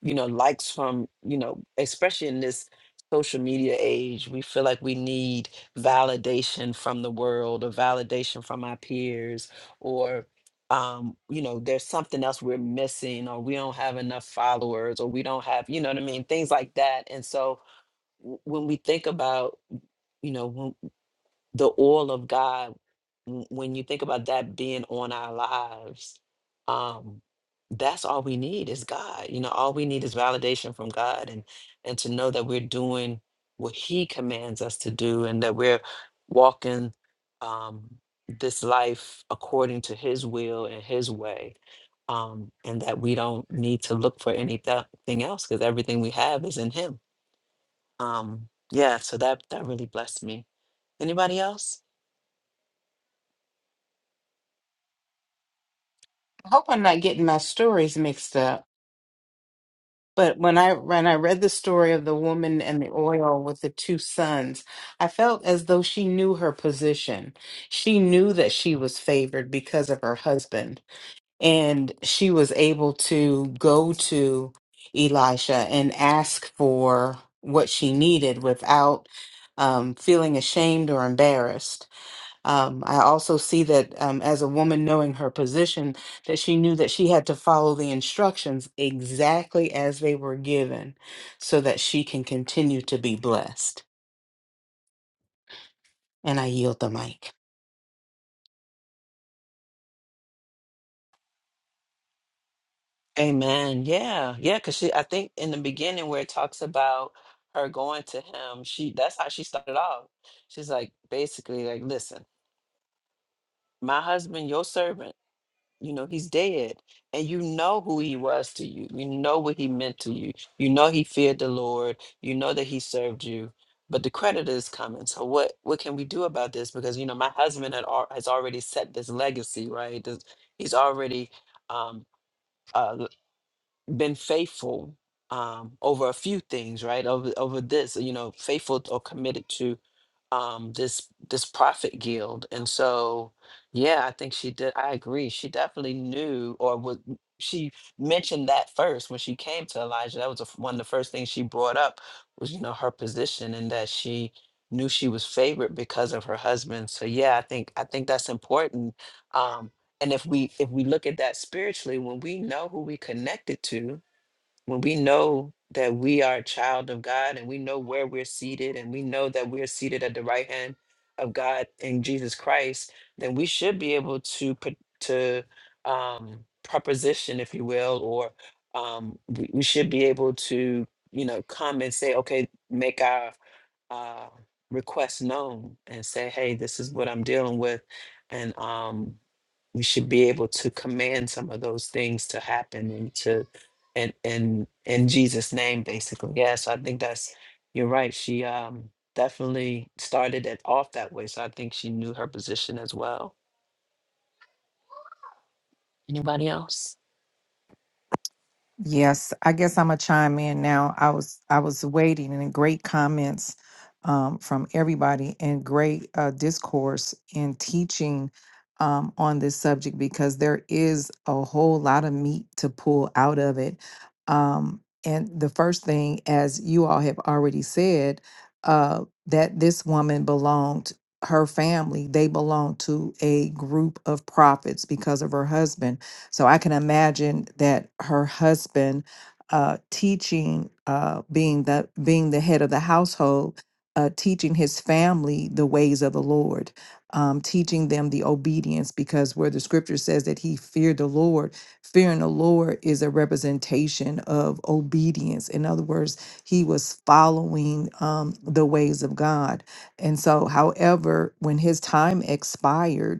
A: you know likes from you know especially in this social media age we feel like we need validation from the world or validation from our peers or um you know there's something else we're missing or we don't have enough followers or we don't have you know what i mean things like that and so w- when we think about you know the oil of God, w- when you think about that being on our lives, um, that's all we need is God. You know, all we need is validation from God and and to know that we're doing what He commands us to do and that we're walking um, this life according to His will and His way. Um, and that we don't need to look for anything else because everything we have is in Him. Um, yeah, so that that really blessed me. Anybody else?
B: I hope I'm not getting my stories mixed up. But when I when I read the story of the woman and the oil with the two sons, I felt as though she knew her position. She knew that she was favored because of her husband, and she was able to go to Elisha and ask for what she needed without um, feeling ashamed or embarrassed. Um, I also see that um, as a woman knowing her position, that she knew that she had to follow the instructions exactly as they were given so that she can continue to be blessed. And I yield the mic.
A: Amen. Yeah. Yeah. Cause she, I think in the beginning where it talks about her going to him, she, that's how she started off. She's like, basically like, listen, my husband, your servant, you know, he's dead and you know who he was to you. You know what he meant to you. You know, he feared the Lord. You know that he served you, but the creditor is coming. So what, what can we do about this? Because, you know, my husband had, al- has already set this legacy, right? This, he's already, um, uh, been faithful um, over a few things, right? Over over this, you know, faithful or committed to um, this this prophet guild, and so yeah, I think she did. I agree. She definitely knew, or was she mentioned that first when she came to Elijah? That was the f- one of the first things she brought up was you know her position and that she knew she was favored because of her husband. So yeah, I think I think that's important um, and if we if we look at that spiritually when we know who we connected to when we know that we are a child of god and we know where we're seated and we know that we're seated at the right hand of god in jesus christ then we should be able to put to um proposition if you will or um we, we should be able to you know come and say okay make our uh request known and say hey this is what i'm dealing with and um we should be able to command some of those things to happen and to and and in Jesus name basically. Yeah, so I think that's you're right. She um definitely started it off that way. So I think she knew her position as well. Anybody else?
D: Yes, I guess I'm gonna chime in now. I was I was waiting and great comments um, from everybody and great uh, discourse and teaching um, on this subject because there is a whole lot of meat to pull out of it. Um, and the first thing, as you all have already said, uh, that this woman belonged her family they belonged to a group of prophets because of her husband so I can imagine that her husband uh, teaching, uh, being the being the head of the household, uh, teaching his family the ways of the Lord, um, teaching them the obedience, because where the Scripture says that he feared the Lord, fearing the Lord is a representation of obedience. In other words, he was following um, the ways of God. And so, however, when his time expired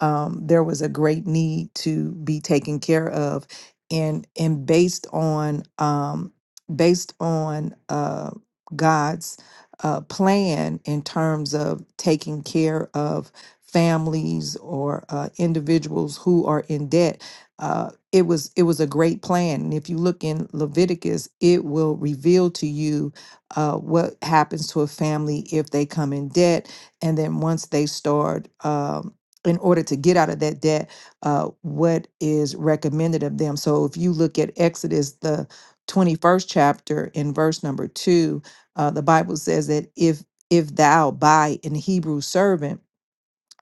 D: um, there was a great need to be taken care of, and and based on um, based on uh, God's uh, plan in terms of taking care of families or uh, individuals who are in debt. Uh, it was it was a great plan, and if you look in Leviticus, it will reveal to you uh, what happens to a family if they come in debt, and then once they start. um, in order to get out of that debt, uh, what is recommended of them. So if you look at Exodus, the 21st chapter, in verse number two, uh, the Bible says that if if thou buy an Hebrew servant,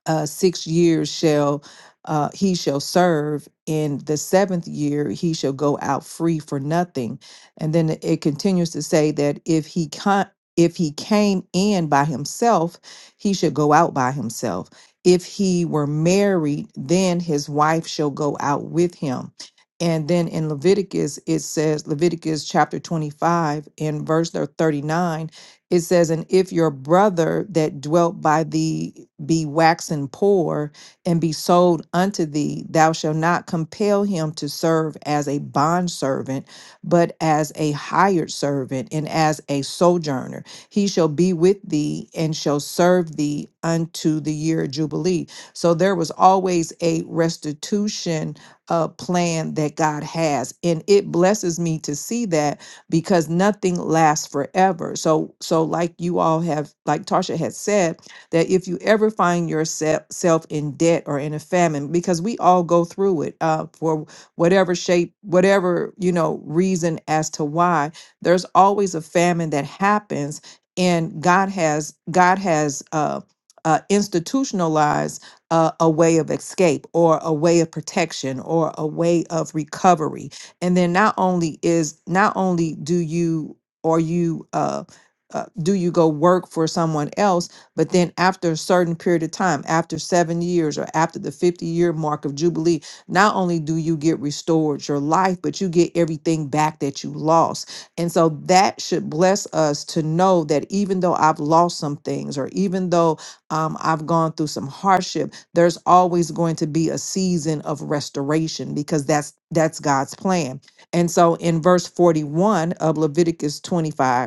D: uh, six years shall uh, he shall serve in the seventh year he shall go out free for nothing and then it continues to say that if he con- if he came in by himself he should go out by himself if he were married then his wife shall go out with him and then in leviticus it says leviticus chapter 25 and verse thir- 39 it says, And if your brother that dwelt by thee be waxen poor and be sold unto thee, thou shalt not compel him to serve as a bondservant, but as a hired servant and as a sojourner. He shall be with thee and shall serve thee unto the year of Jubilee. So there was always a restitution uh, plan that God has. And it blesses me to see that because nothing lasts forever. So so like you all have like Tasha had said that if you ever find yourself in debt or in a famine because we all go through it uh, for whatever shape whatever you know reason as to why there's always a famine that happens and God has God has uh, uh, institutionalized uh, a way of escape or a way of protection or a way of recovery and then not only is not only do you or you uh, uh do you go work for someone else but then after a certain period of time after seven years or after the 50 year mark of jubilee not only do you get restored your life but you get everything back that you lost and so that should bless us to know that even though i've lost some things or even though um, i've gone through some hardship there's always going to be a season of restoration because that's that's God's plan. And so in verse 41 of Leviticus 25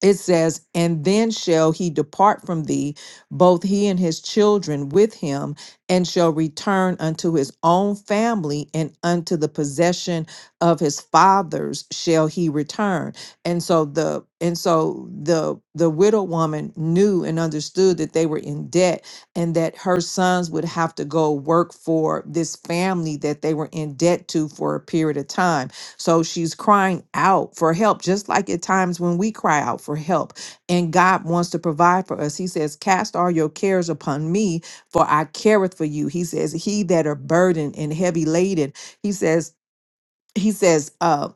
D: it says, And then shall he depart from thee, both he and his children with him, and shall return unto his own family and unto the possession of his fathers shall he return. And so the and so the the widow woman knew and understood that they were in debt and that her sons would have to go work for this family that they were in debt to for a period of time so she's crying out for help, just like at times when we cry out for help. And God wants to provide for us. He says, Cast all your cares upon me, for I careth for you. He says, He that are burdened and heavy laden. He says, He says, uh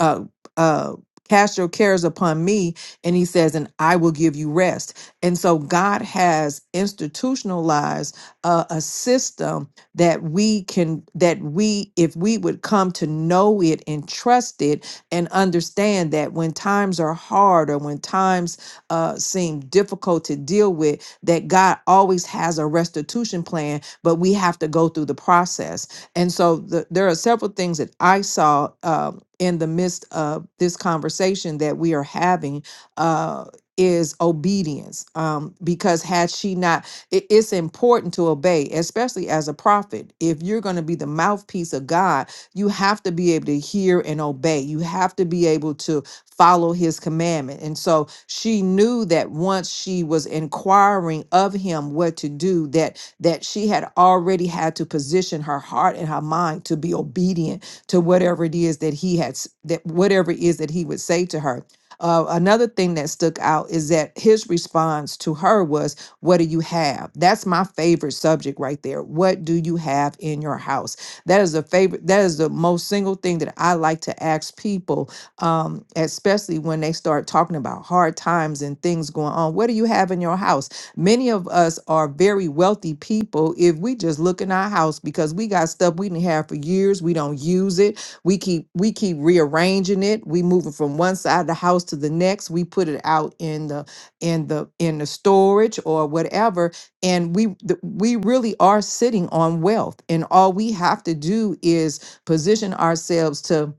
D: uh, uh, cast your cares upon me and he says and i will give you rest and so god has institutionalized uh, a system that we can that we if we would come to know it and trust it and understand that when times are hard or when times uh, seem difficult to deal with that god always has a restitution plan but we have to go through the process and so the, there are several things that I saw um, in the midst of this conversation that we are having. Uh, is obedience um, because had she not it- it's important to obey especially as a prophet if you're going to be the mouthpiece of god you have to be able to hear and obey you have to be able to follow his commandment and so she knew that once she was inquiring of him what to do that that she had already had to position her heart and her mind to be obedient to whatever it is that he had s- that whatever it is that he would say to her. Uh, another thing that stuck out is that his response to her was, What do you have? That's my favorite subject right there. What do you have in your house? That is a favorite, that is the most single thing that I like to ask people, um, especially when they start talking about hard times and things going on. What do you have in your house? Many of us are very wealthy people if we just look in our house because we got stuff we didn't have for years. We don't use it. We keep we keep rearranging it. We move it from one side of the house to the next. We put it out in the in the in the storage or whatever. And we th- we really are sitting on wealth. And all we have to do is position ourselves to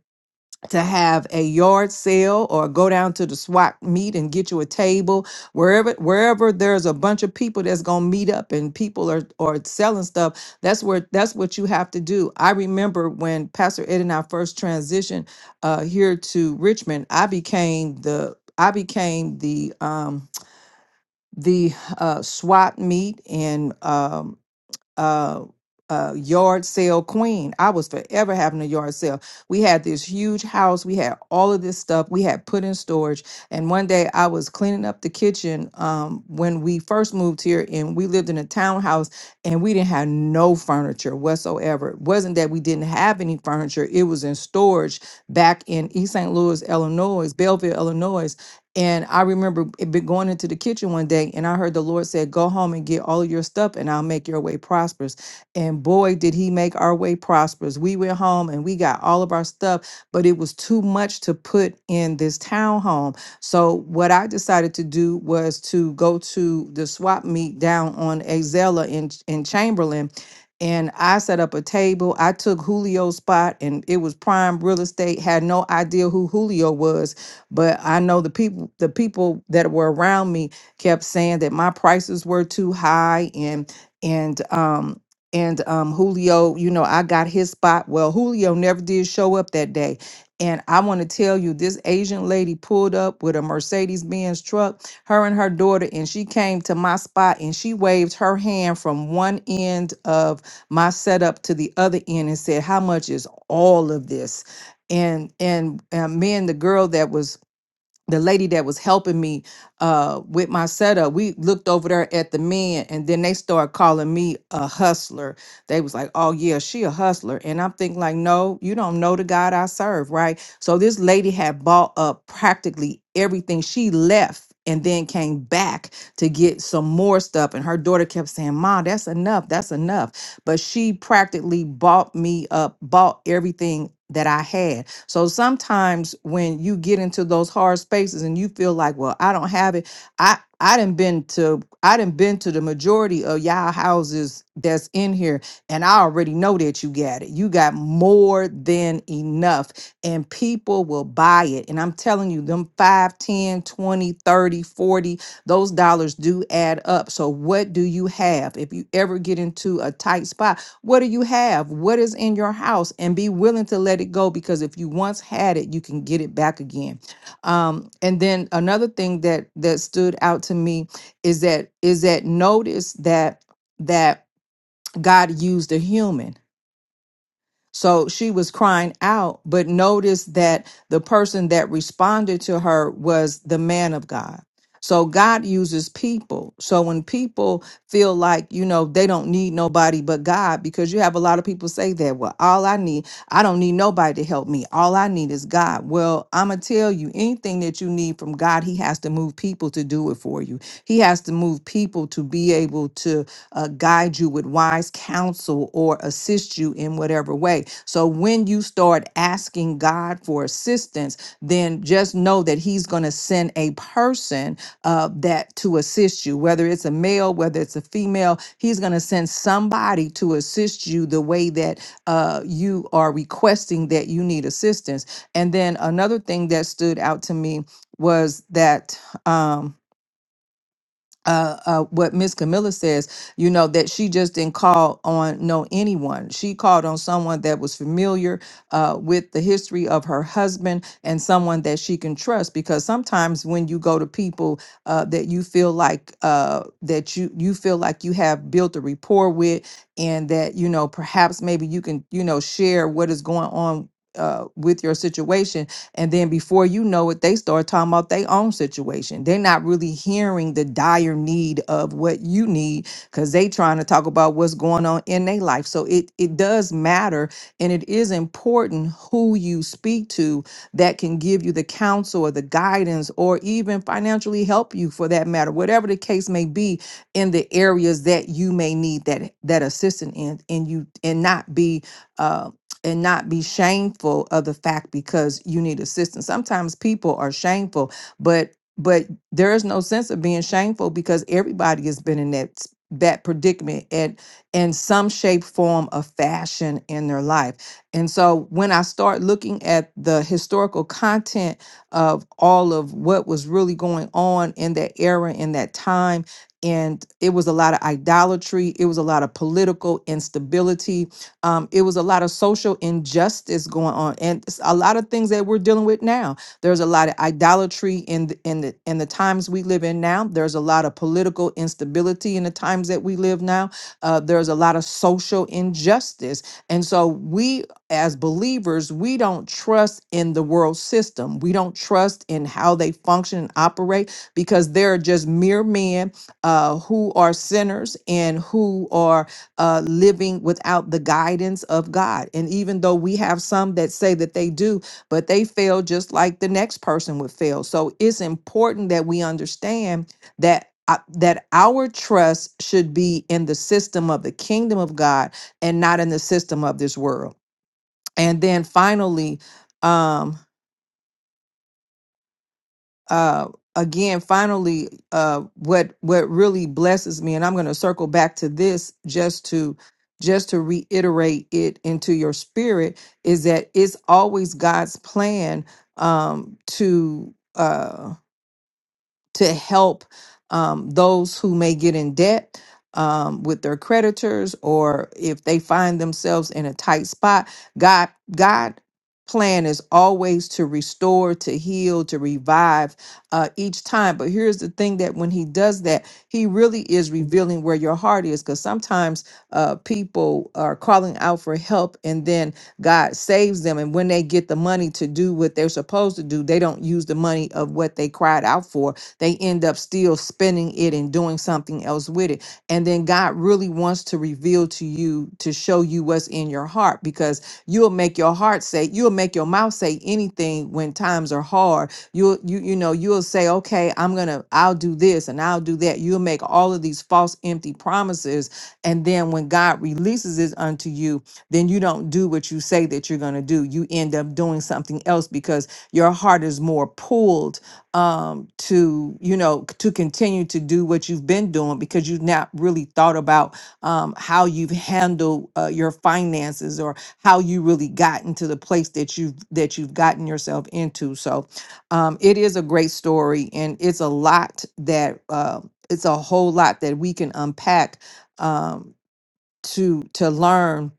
D: to have a yard sale or go down to the swap meet and get you a table wherever wherever there's a bunch of people that's going to meet up and people are are selling stuff that's where that's what you have to do i remember when pastor ed and i first transitioned uh here to richmond i became the i became the um the uh swap meet and um uh, uh, yard sale queen. I was forever having a yard sale. We had this huge house. We had all of this stuff we had put in storage. And one day I was cleaning up the kitchen um, when we first moved here and we lived in a townhouse and we didn't have no furniture whatsoever. It wasn't that we didn't have any furniture, it was in storage back in East St. Louis, Illinois, Belleville, Illinois. And I remember it be going into the kitchen one day, and I heard the Lord said, "Go home and get all of your stuff, and I'll make your way prosperous." And boy, did He make our way prosperous. We went home and we got all of our stuff, but it was too much to put in this townhome. So what I decided to do was to go to the swap meet down on Azela in in Chamberlain. And I set up a table. I took Julio's spot, and it was prime real estate. Had no idea who Julio was but I know the people the people that were around me kept saying that my prices were too high and and um and um Julio, you know, I got his spot. Well, Julio never did show up that day. And I want to tell you, this Asian lady pulled up with a Mercedes Benz truck, her and her daughter, and she came to my spot and she waved her hand from one end of my setup to the other end and said, How much is all of this? And and uh, me and the girl that was the lady that was helping me uh with my setup we looked over there at the men and then they started calling me a hustler they was like oh yeah she a hustler and i'm thinking like no you don't know the god i serve right so this lady had bought up practically everything she left and then came back to get some more stuff and her daughter kept saying mom that's enough that's enough but she practically bought me up bought everything that i had so sometimes when you get into those hard spaces and you feel like, well, I don't have it, I I didn't been to I didn't been to the majority of y'all houses that's in here, and I already know that you got it. You got more than enough, and people will buy it. And I'm telling you, them 5, 10, 20, 30, forty those dollars do add up. So, what do you have? If you ever get into a tight spot, what do you have? What is in your house? And be willing to let it go because if you once had it, you can get it back again. Um, and then another thing that that stood out to me is that is that notice that that God used a human. So she was crying out, but notice that the person that responded to her was the man of God. So God uses people. So when people feel like, you know, they don't need nobody but God, because you have a lot of people say that, well, all I need, I don't need nobody to help me. All I need is God. Well, I'm going to tell you anything that you need from God, He has to move people to do it for you. He has to move people to be able to uh, guide you with wise counsel or assist you in whatever way. So when you start asking God for assistance, then just know that He's going to send a person uh, that to assist you, whether it's a male, whether it's a female, He's going to send somebody to assist you the way that uh, you are requesting that you need assistance. And then another thing that stood out to me was that. Um, uh, uh, what Miss Camilla says, you know, that she just didn't call on no anyone. She called on someone that was familiar uh, with the history of her husband and someone that she can trust. Because sometimes when you go to people uh, that you feel like uh, that you you feel like you have built a rapport with, and that you know perhaps maybe you can you know share what is going on. Uh, with your situation, and then before you know it, they start talking about their own situation. They're not really hearing the dire need of what you need because they trying to talk about what's going on in their life. So it it does matter and it is important who you speak to that can give you the counsel or the guidance or even financially help you for that matter, whatever the case may be in the areas that you may need that that assistance in and you and not be uh, and not be shameful of the fact because you need assistance. Sometimes people are shameful, but but there is no sense of being shameful because everybody has been in that s- that predicament and in some shape, form, or fashion in their life. And so when I start looking at the historical content of all of what was really going on in that era, in that time, and it was a lot of idolatry, it was a lot of political instability, um, it was a lot of social injustice going on, and s- a lot of things that we're dealing with now. There's a lot of idolatry in the, in the in the times we live in now. There's a lot of political instability in the times that we live now. Uh, there's a lot of social injustice, and so we as believers we don't trust in the world system. We don't trust in how they function and operate because they're just mere men uh, who are sinners and who are uh, living without the guidance of God. And even though we have some that say that they do, but they fail just like the next person would fail. So it's important that we understand that. uh, That our trust should be in the system of the kingdom of God and not in the system of this world. And then finally, um, uh, again, finally, uh, what what really blesses me, and I'm going to circle back to this just to just to reiterate it into your spirit, is that it's always God's plan um, to. Uh, to help um, those who may get in debt um, with their creditors or if they find themselves in a tight spot. God, God plan is always to restore to heal to revive uh, each time but here's the thing that when he does that he really is revealing where your heart is because sometimes uh, people are calling out for help and then god saves them and when they get the money to do what they're supposed to do they don't use the money of what they cried out for they end up still spending it and doing something else with it. And then God really wants to reveal to you to show you what's in your heart because you'll make your heart say, you'll make your mouth say anything when times are hard. You'll you you know, you'll say, "Okay, I'm going to I'll do this and I'll do that." You'll make all of these false empty promises and then when God releases it unto you, then you don't do what you say that you're going to do. You end up doing something else because your heart is more pulled um to you know c- to continue to do what you've been doing because you've not really thought about um how you've handled uh, your finances or how you really gotten to the place that you've that you've gotten yourself into so um it is a great story and it's a lot that uh, it's a whole lot that we can unpack um to to learn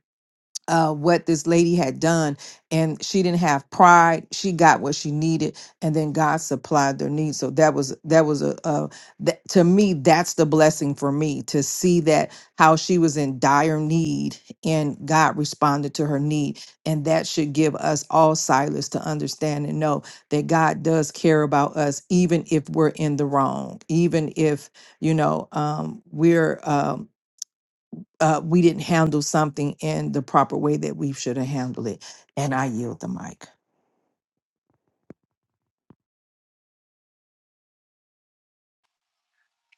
D: uh, what this lady had done, and she didn't have pride. She got what she needed, and then God supplied their needs. So that was that was a, a that, to me that's the blessing for me to see that how she was in dire need, and God responded to her need, and that should give us all silence to understand and know that God does care about us, even if we're in the wrong, even if you know um, we're. Um, uh, we didn't handle something in the proper way that we should have handled it. And I yield the mic.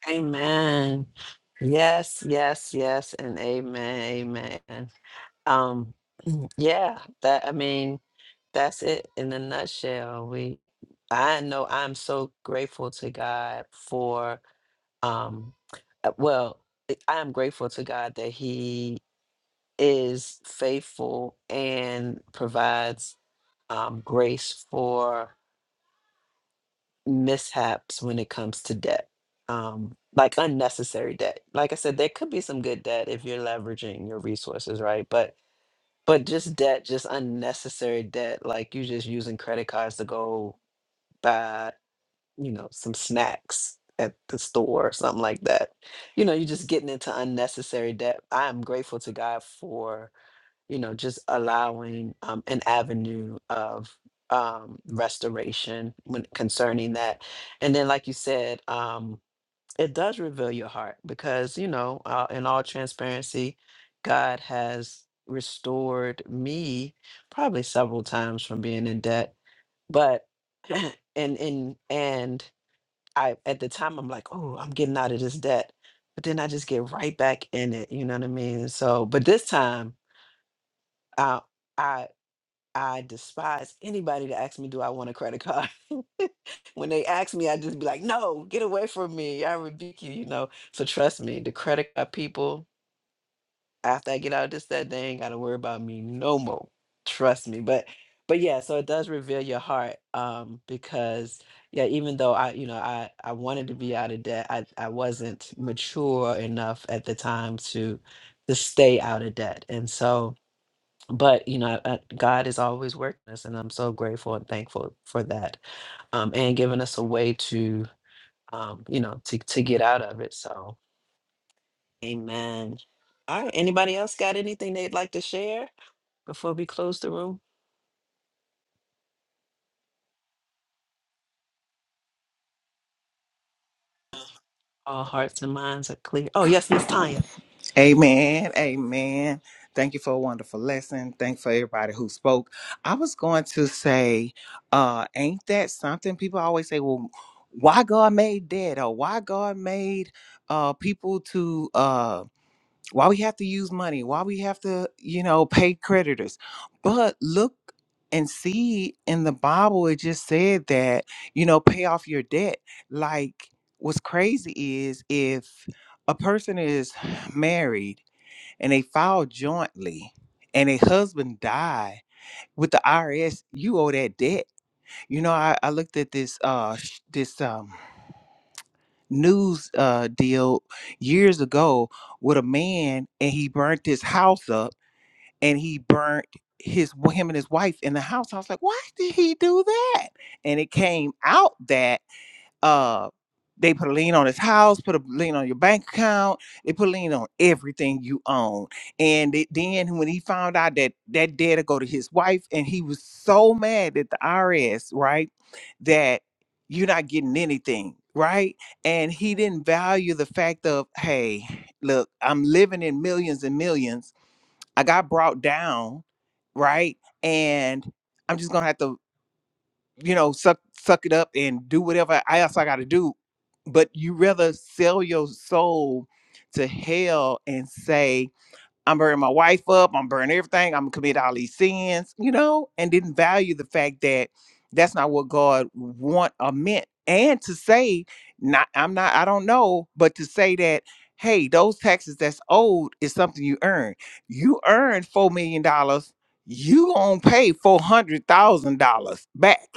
A: Amen. Yes, yes, yes, and amen, amen. Um [clears throat] yeah, that I mean, that's it in a nutshell. We I know I'm so grateful to God for Um, uh, well, I I am grateful to God that He is faithful and provides um, grace for mishaps when it comes to debt, um, like unnecessary debt. Like I said, there could be some good debt if you're leveraging your resources, right? But but just debt, just unnecessary debt, like you just using credit cards to go buy. you know, some snacks at the store or something like that. You know, you're just getting into unnecessary debt. I am grateful to God for, you know, just allowing um, an avenue of um, restoration when concerning that. And then, like you said, um, it does reveal your heart because, you know, uh, in all transparency, God has restored me probably several times from being in debt. But [clears throat] and and and I at the time I'm like, oh, I'm getting out of this debt. But then I just get right back in it. You know what I mean? So, but this time I I I despise anybody that asks me, do I want a credit card? [laughs] when they ask me, I just be like, no, get away from me. I rebuke you, you know. So trust me, the credit card people after I get out of this, that they ain't gotta worry about me no more. Trust me. But but yeah, so it does reveal your heart. Um, because yeah, even though I, you know, I I wanted to be out of debt, I I wasn't mature enough at the time to to stay out of debt. And so but you know, I, God is always working us, and I'm so grateful and thankful for that, um, and giving us a way to, um, you know, to to get out of it. So, Amen. All right. Anybody else got anything they'd like to share before we close the room? All hearts and minds are clear. Oh, yes, Miss Tanya.
E: Amen. Amen. Thank you for a wonderful lesson. Thank for everybody who spoke. I was going to say, uh, ain't that something? People always say, well, why God made that or why God made uh people to uh why we have to use money, why we have to, you know, pay creditors. But look and see in the Bible, it just said that, you know, pay off your debt. Like what's crazy is if a person is [sighs] married and they filed jointly and a husband died with the IRS, you owe that debt. You know, I, I looked at this uh sh- this um news uh deal years ago with a man and he burnt his house up and he burnt his him and his wife in the house. I was like, why did he do that? And it came out that uh, they put a lien on his house, put a lien on your bank account. They put a lien on everything you own. And it, then when he found out that that data go to his wife, and he was so mad at the IRS, right, that you're not getting anything, right? And he didn't value the fact of, hey, look, I'm living in millions and millions. I got brought down, right? And I'm just gonna have to you know, suck suck it up and do whatever I- else I got to do. But you rather sell your soul to hell and say I'm burning my wife up. I'm burning everything. I'm gonna commit all these sins, you know, and didn't value the fact that that's not what God want or meant. And to say, not I'm not, I don't know, but to say that, hey, those taxes that's owed is something you earn. You earned four million dollars, you gonna pay four hundred thousand dollars back.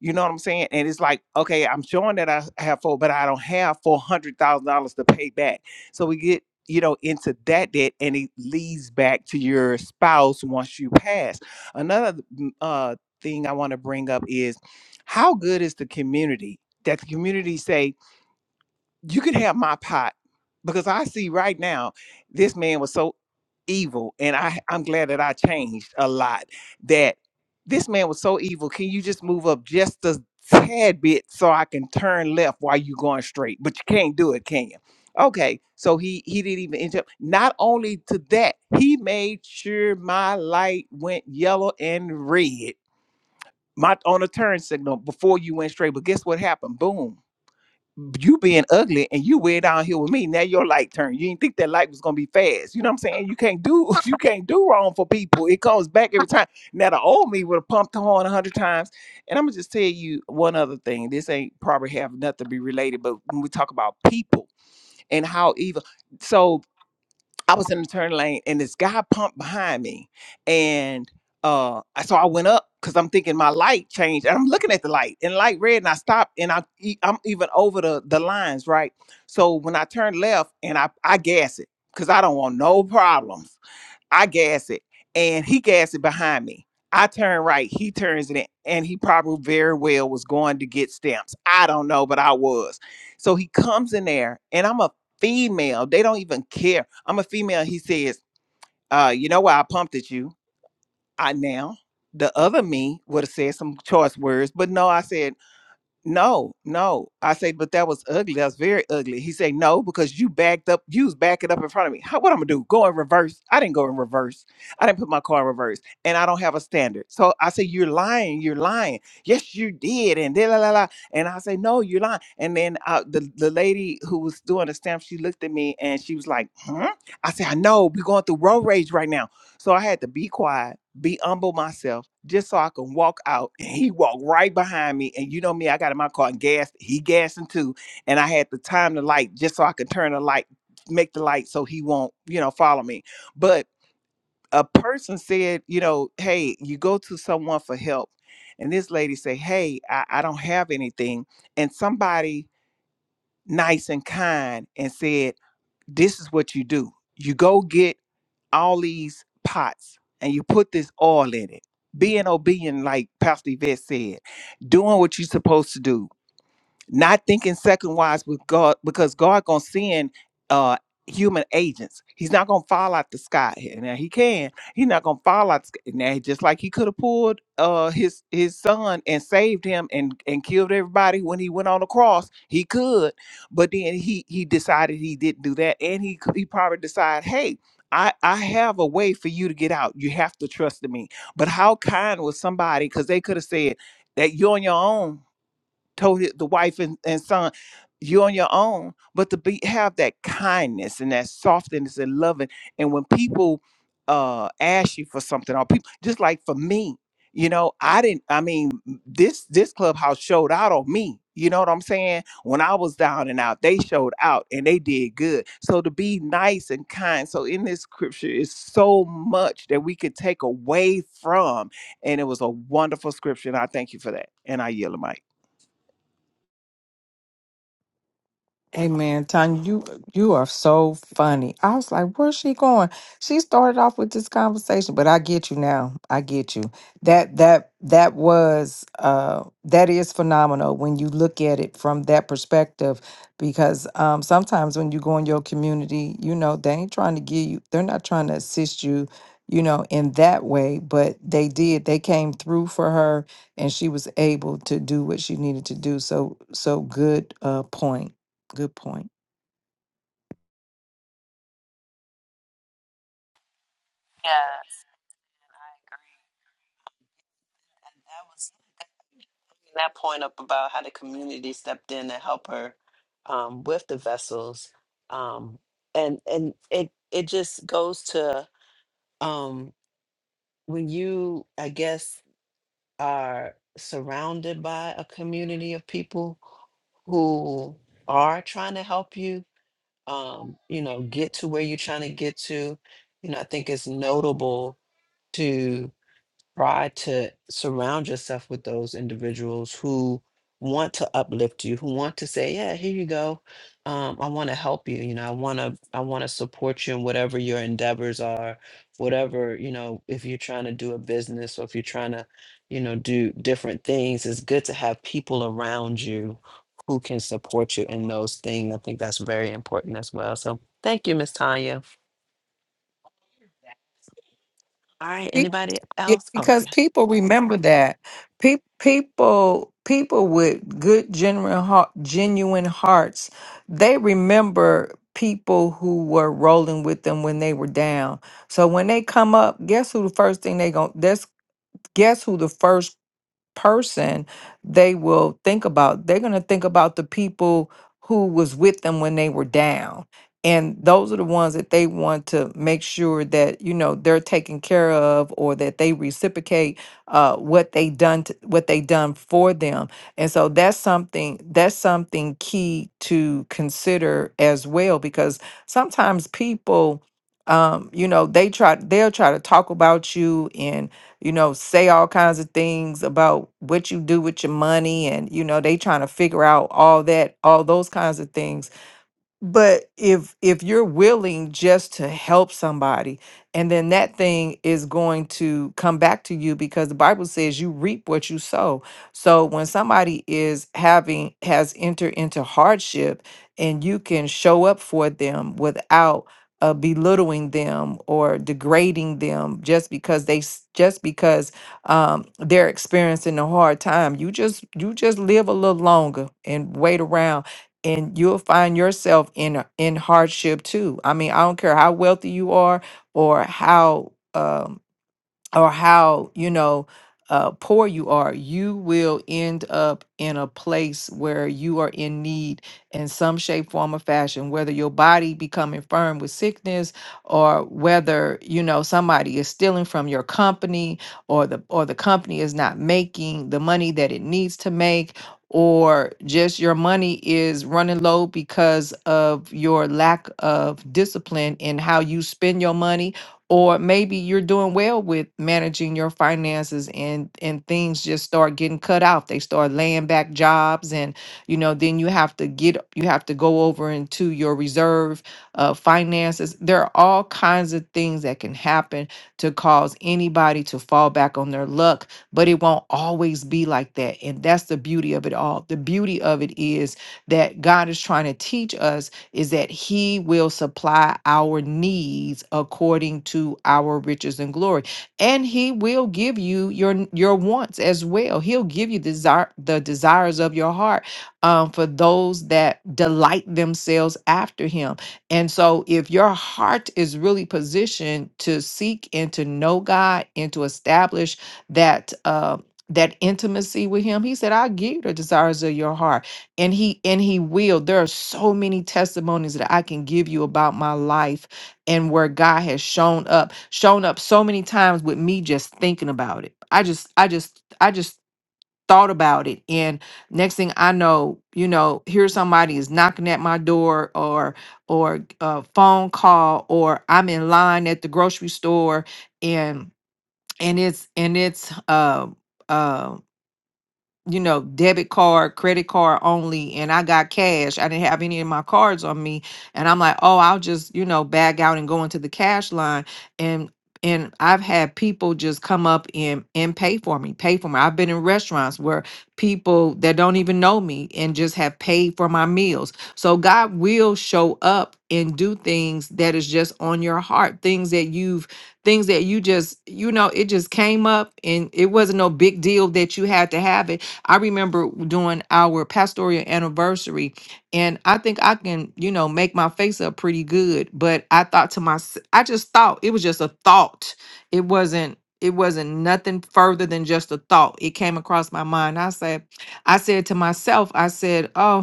E: You know what I'm saying? And it's like, okay, I'm showing that I have four, but I don't have four hundred thousand dollars to pay back. So we get you know into that debt and it leads back to your spouse once you pass another mm, uh thing i want to bring up is how good is the community that the community say you can have my pot because I see right now this man was so evil and I I'm glad that I changed a lot that this man was so evil. Can you just move up just a tad bit so I can turn left while you going straight? But you can't do it, can you? Okay, so he he didn't even interrupt. Not only to that, he made sure my light went yellow and red, my on a turn signal before you went straight. But guess what happened? Boom you being ugly and you way down here with me. Now your light turned. You didn't think that light was gonna be fast. You know what I'm saying? You can't do [laughs] you can't do wrong for people. It comes back every time. Now the old me would have pumped the horn a hundred times. And I'm gonna just tell you one other thing. This ain't probably have nothing to be related, but when we talk about people and how evil, so I was in the turn lane and this guy pumped behind me. And uh I- so I went up because I'm thinking my light changed. And I'm looking at the light and light red and I stopped and I e- I'm even over the the lines, right? So when I turn left and I I gas it because I don't want no problems. I gas it and he gas it behind me. I turn right, he turns it in, and he probably very well was going to get stamps. I don't know, but I was. So he comes in there and I'm a female. They don't even care. I'm a female. He says, uh, you know why I pumped at you? I now the other me would have said some choice words, but no, I said no, no. I say, but that was ugly. That's very ugly. He said, no, because you backed up. You was backing up in front of me. How, what I'm gonna do? Go in reverse? I didn't go in reverse. I didn't put my car in reverse, and I don't have a standard. So I say, you're lying. You're lying. Yes, you did. And da la la la. And I say, no, you're lying. And then uh, the the lady who was doing the stamp, she looked at me and she was like, hmm? I said, I know. We're going through road rage right now. So I had to be quiet, be humble myself just so I can walk out. And he walked right behind me. And you know me, I got in my car and gassed. He gassing too. And I had to time the light just so I could turn the light, make the light so he won't, you know, follow me. But a person said, you know, hey, you go to someone for help. And this lady said, hey, I, I don't have anything. And somebody nice and kind and said, this is what you do. You go get all these pots and you put this oil in it. Being obedient, like Pastor Yvette said, doing what you're supposed to do, not thinking second wise with God because God gonna send uh human agents. He's not gonna fall out the sky here. Now he can. He's not gonna fall out the sky. Now just like he could have pulled uh his his son and saved him and and killed everybody when he went on the cross, he could. But then he he decided he didn't do that, and he c- he probably decided, hey. I, I have a way for you to get out. You have to trust in me. But how kind was somebody? Because they could have said that you're on your own told hi- the wife and, and son, you're on your own. But to be have that kindness and that softness and loving. And when people uh ask you for something, or people just like for me, you know, I didn't, I mean, m- this this clubhouse showed out on me. You know what I'm saying? When I was down and out, they showed out and they did good. So to be nice and kind. So in this scripture is so much that we could take away from. And it was a wonderful scripture. And I thank you for that. And I yield the mic.
D: Hey man, Tanya, you you are so funny. I was like, where's she going? She started off with this conversation, but I get you now. I get you. That that that was uh that is phenomenal when you look at it from that perspective because um sometimes when you go in your community, you know, they ain't trying to give you they're not trying to assist you, you know, in that way, but they did. They came through for her and she was able to do what she needed to do. So so good uh point. Good point.
A: Yeah, I agree. And that was bringing that point up about how the community stepped in to help her um, with the vessels, um, and and it it just goes to um, when you I guess are surrounded by a community of people who are trying to help you um, you know, get to where you're trying to get to. You know, I think it's notable to try to surround yourself with those individuals who want to uplift you who want to say yeah here you go um, i want to help you you know i want to i want to support you in whatever your endeavors are whatever you know if you're trying to do a business or if you're trying to you know do different things it's good to have people around you who can support you in those things i think that's very important as well so thank you miss tanya all right
D: Be-
A: anybody
D: yeah,
A: else oh yeah
D: Because people remember that Pe- people people with good genuine heart, genuine hearts, they remember people who were rolling with them when they were down. So when they come up, guess who the first thing they going that's guess who the first person they will think about they're going to think about the people who was with them when they were down and those are the ones that they want to make sure that you know they're taken care of or that they reciprocate uh, what they done to, what they done for them and so that's something that's something key to consider as well because sometimes people um, you know they try they'll try to talk about you and you know, say all kinds of things about what you do with your money and you know, they trying to figure out all that, all those kinds of things but if if you're willing just to help somebody, and then that thing is going to come back to you because the Bible says you reap what you sow. So when somebody is having has entered into hardship and you can show up for them without uh, belittling them or degrading them just because they s- just because um, they're experiencing a hard time, you just you just live a little longer and wait around and you'll find yourself in a- in hardship too. I mean, I don't care how wealthy you are or how um or how you know uh, poor you are, you will end up in a place where you are in need in some shape, form, or fashion. Whether your body become infirm with sickness, or whether you know somebody is stealing from your company, or the or the company is not making the money that it needs to make, or just your money is running low because of your lack of discipline in how you spend your money or maybe you're doing well with managing your finances and and things just start getting cut out. they start laying back jobs and you know then you have to get you have to go over into your reserve uh, finances there are all kinds of things that can happen to cause anybody to fall back on their luck but it won't always be like that and that's the beauty of it all the beauty of it is that god is trying to teach us is that He will supply our needs according to our riches and glory, and He will give you your n- your wants as well. He'll give you desire the desires of your heart um, for those that delight themselves after Him. And so, if your heart is really positioned to seek and to know God and to establish that. Uh, that intimacy with him. He said, I'll give you the desires of your heart and he and he will there are so many testimonies that i can give you about my life and where god has shown up shown up so many times with me just thinking about it i just i just i just thought about it and next thing i know you know here somebody is knocking at my door or or a phone call or i'm in line at the grocery store and and it's and it's um you know, debit card, credit card only, and I got cash. I didn't have any of my cards on me. And I'm like, oh, I'll just, you know, bag out and go into the cash line. And and I've had people just come up and and pay for me, pay for me. I've been in restaurants where people that don't even know me and just have paid for my meals. So God will show up and do things that is just on your heart, things that you've things that you just, you know, it just came up and it wasn't no big deal that you had to have it I remember doing our pastoral anniversary, and I think I can, you know, make my face up pretty good. But I thought to myself, I just thought it was just a thought. It wasn't. It wasn't nothing further than just a thought. It came across my mind. I said, I said to myself, I said, "Oh."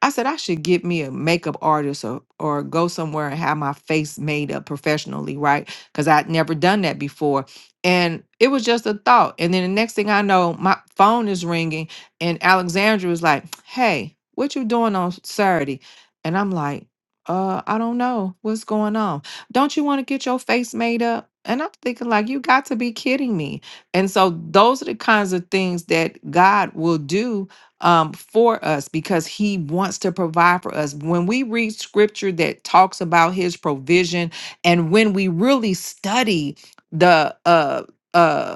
D: I said I should get me a makeup artist or or go somewhere and have my face made up professionally, right? Because I'd never done that before. And it was just a thought. And then the next thing I know, my phone is ringing, and Alexandra was like, "Hey, what you doing on Saturday?" And I'm like, "Uh, I don't know what's going on. Don't you want to get your face made up?" And I'm thinking like, "You got to be kidding me!" And so those are the kinds of things that God will do um, for us because he wants to provide for us. When we read scripture that talks about his provision, and when we really study the uh, uh,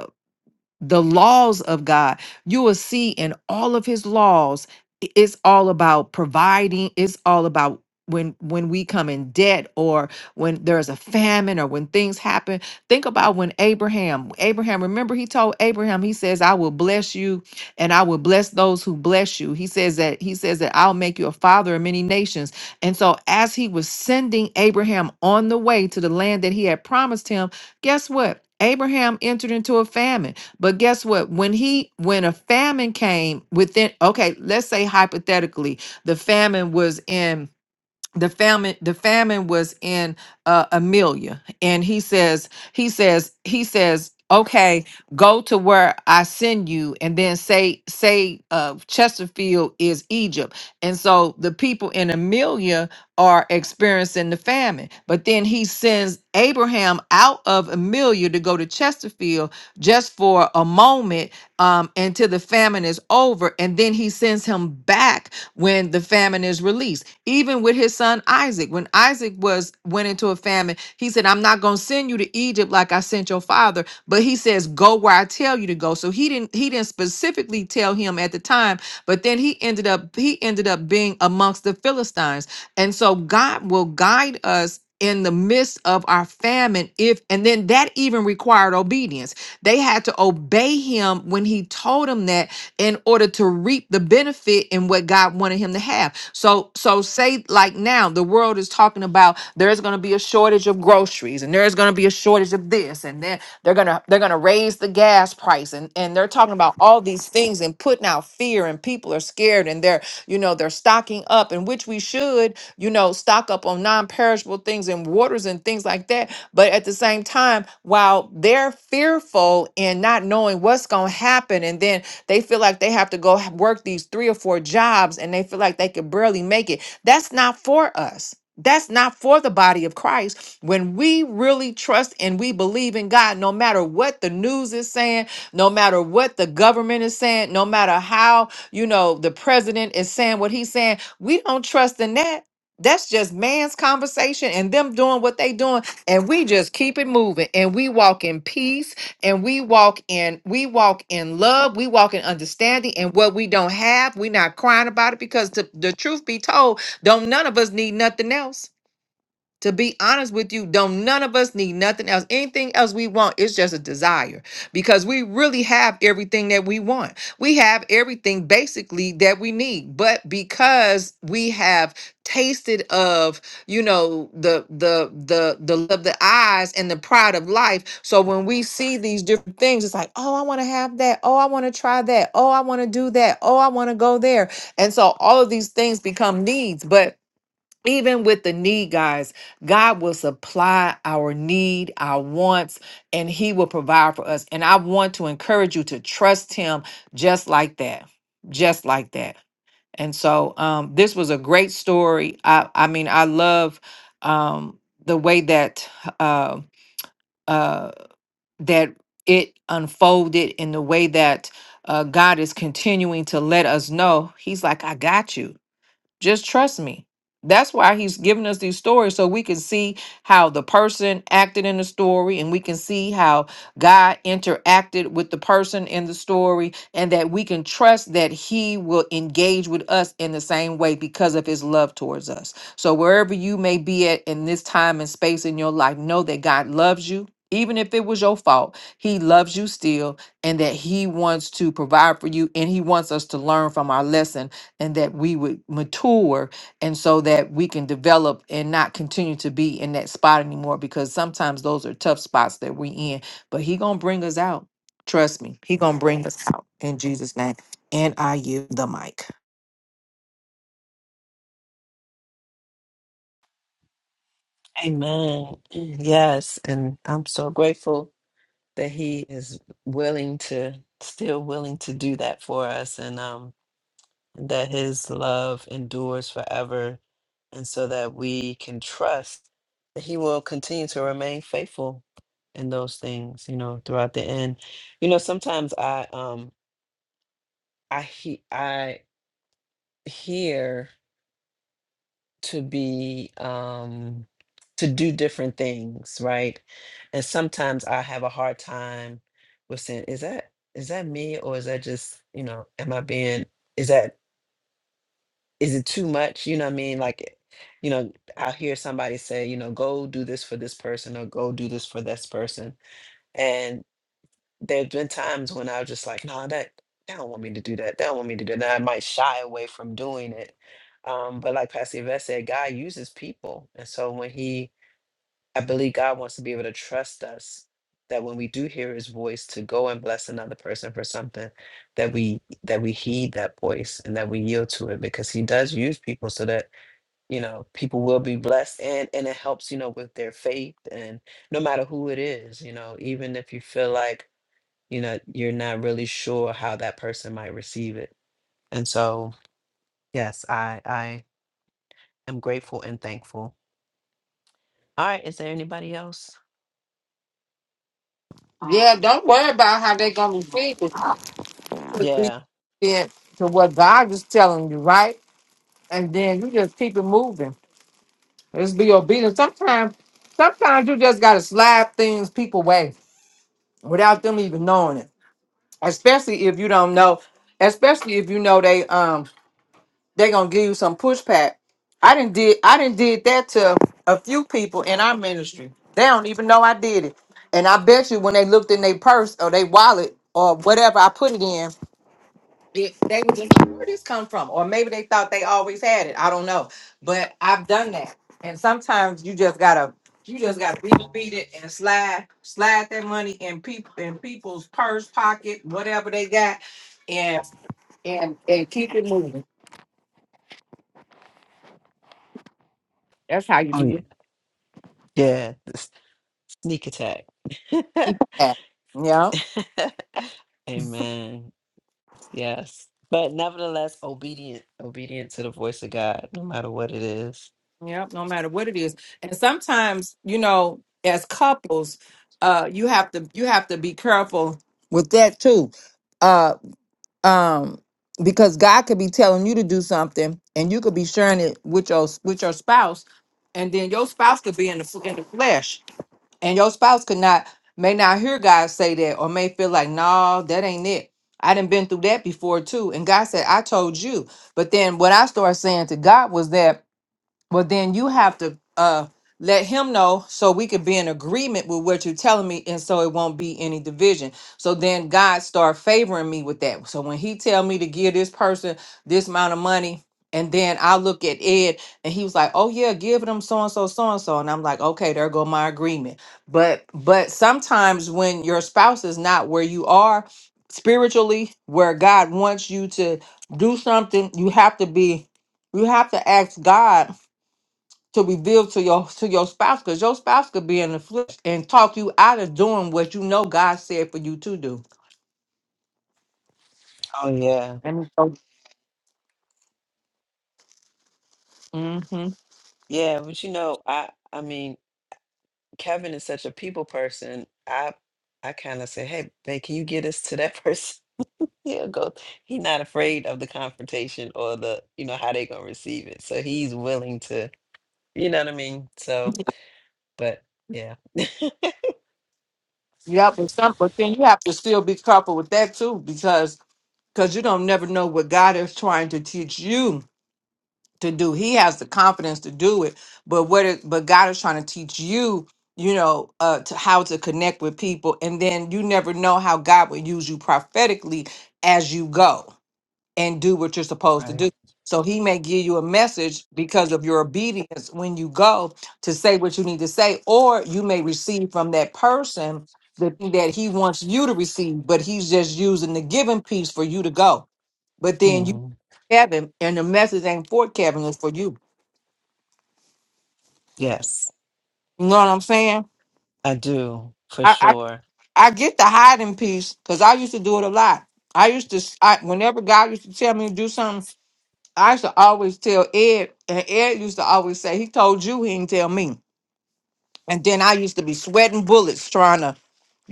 D: the laws of God. You will see in all of his laws, i- it's all about providing, it's all about when when we come in debt or when there's a famine or when things happen think about when abraham abraham remember he told abraham he says i will bless you and i will bless those who bless you he says that he says that i'll make you a father of many nations and so as he was sending abraham on the way to the land that he had promised him guess what abraham entered into a famine but guess what? When he when a famine came within okay, let's say hypothetically, the famine was in the famine the famine was in uh, Amelia and he says he says he says okay go to where I send you and then say say uh, Chesterfield is Egypt and so the people in Amelia are experiencing the famine but then he sends Abraham out of Amelia to go to Chesterfield just for a moment um, until the famine is over and then he sends him back when the famine is released. Even with his son Isaac, when Isaac was went into a famine, he said, "I'm not going to send you to Egypt like I sent your father." But he says, "Go where I tell you to go." So he didn't he didn't specifically tell him at the time, but then he ended up he ended up being amongst the Philistines. And so God will guide us in the midst of our famine if and then that even required obedience they had to obey him when he told them that in order to reap the benefit in what God wanted him to have. So, so say like now, the world is talking about there's going to be a shortage of groceries, and there's going to be a shortage of this, and then they're gonna they're gonna raise the gas price, and and and they're talking about all these things and putting out fear and people are scared and they're you know they're stocking up and which we should you know stock up on non-perishable things and waters and things like that but at the same time while they're fearful and not knowing what's going to happen and then they feel like they have to go h- work these three or four jobs and they feel like they could barely make it that's not for us that's not for the body of Christ. When we really trust and we believe in God, no matter what the news is saying, no matter what the government is saying, no matter how, you know, the president is saying what he's saying, we don't trust in that. That's just man's conversation and them doing what they doing and we just keep it moving and we walk in peace and we walk in we walk in love, we walk in understanding and what we don't have, we not crying about it because to, the truth be told, don't none of us need nothing else. To be honest with you, don't none of us need nothing else. Anything else we want, it's just a desire because we really have everything that we want. We have everything basically that we need, but because we have tasted of, you know, the the the the love of the eyes and the pride of life. So when we see these different things, it's like, oh, I want to have that. Oh, I want to try that. Oh, I want to do that. Oh, I want to go there. And so all of these things become needs, but even with the need, guys, God will supply our need, our wants, and He will provide for us. And I want to encourage you to trust Him just like that, just like that. And so, um, this was a great story. I, I mean, I love um, the way that uh, uh, that it unfolded, and the way that uh, God is continuing to let us know He's like, "I got you." Just trust me. That's why he's giving us these stories so we can see how the person acted in the story and we can see how God interacted with the person in the story and that we can trust that he will engage with us in the same way because of his love towards us. So wherever you may be at in this time and space in your life, know that God loves you. Even if it was your fault, he loves you still and that he wants to provide for you and he wants us to learn from our lesson and that we would mature and so that we can develop and not continue to be in that spot anymore because sometimes those are tough spots that we in but he gonna bring us out trust me he gonna bring us out in jesus name and i yield the mic
A: Amen. Yes, and I'm so grateful that he is willing to still willing to do that for us and um that his love endures forever and so that we can trust that he will continue to remain faithful in those things, you know, throughout the end. You know, sometimes I um I he I hear to be um to do different things right and sometimes i have a hard time with saying is that is that me or is that just you know am i being is that is it too much you know what i mean like you know i hear somebody say you know go do this for this person or go do this for this person there have been times when I was just like, nah, that they don't want me to do that. They don't want me to do that. I might shy away from doing it. Um, but like Pastor Yvette said, God uses people. And so when he I believe God wants to be able to trust us that when we do hear his voice to go and bless another person for something, that we that we heed that voice and that we yield to it because he does use people so that, you know, people will be blessed and and it helps, you know, with their faith and no matter who it is, you know, even if you feel like you know you're not really sure how that person might receive it and so yes i i am grateful and thankful all right is there anybody else
D: Yeah, don't worry about how they're gonna be feeling. [laughs] Just be
A: yeah
D: obedient to what God is telling you, right? And then you just keep it moving. Just be obedient. Sometimes, sometimes you just gotta slap things people way without them even knowing it. especially if you don't know especially if you know they um they gonna give you some pushback i didn't did i didn't did that to a few people in our ministry they don't even know i did it and i bet you when they looked in their purse or their wallet or whatever i put it in it, they were just like, where did this come from? Or maybe they thought they always had it. I don't know. But I've done that. And sometimes you just gotta you just gotta beat it, beat it and slide slide that money in people in people's purse, pocket, whatever they got, and and and keep it moving. That's how you
A: oh
D: do
A: yeah
D: it.
A: yeah sneak attack
D: Keep it at- it. Yep.
A: [laughs] amen yes but nevertheless obedient obedient to the voice of god no matter what it is
D: Yep, no matter what it is. And sometimes, you know, as couples, uh you have to you have to be careful with that too Uh, um because God could be telling you to do something and you could be sharing it with your with your spouse and then your spouse could be in the f- in the flesh and your spouse could not may not hear God say that or may feel like no that ain't it I done been through that before too and God said I told you but then what I started saying to God was that well, then you have to uh let him know so we could be in agreement with what you're telling me and so it won't be any division. So then God start favoring me with that. So when he tell me to give this person this amount of money and then I look at Ed and he was like, "Oh yeah, give them so and so so and so." And I'm like, "Okay, there go my agreement." But but sometimes when your spouse is not where you are spiritually, where God wants you to do something, you have to be you have to ask God to reveal to your to your spouse because your spouse could be in the flesh and talk you out of doing what you know God said for you to do.
A: oh yeah
D: And so, mm-hmm.
A: yeah but you know i i mean kevin is such a people person i i kind of say hey babe can you get us to that [laughs] person He'll go. He's not afraid of the confrontation or the, you know, how they gonna receive it. So he's willing to, you know what I mean? So, but yeah,
D: yep. And some, but then you have to still be careful with that too because because you don't never know what God is trying to teach you to do. He has the confidence to do it, but what it, but God is trying to teach you. You know, uh, to how to connect with people, and then you never know how God will use you prophetically as you go and do what you're supposed to
A: right.
D: do. So he may give you a message because of your obedience when you go to say what you need to say, or you may receive from that person the thing that he wants you to receive, but he's just using the giving piece for you to go. But then you
A: Mm.
D: Kevin, and the message ain't for Kevin, it's for you.
A: Yes,
D: You know what I'm saying?
A: I do for
D: I
A: sure.
D: I, I get the hiding piece because I used to do it a lot. I used to, I, whenever God used to tell me to do something, I used to always tell Ed, and Ed used to always say, he told you he didn't tell me. And then I used to be sweating bullets trying to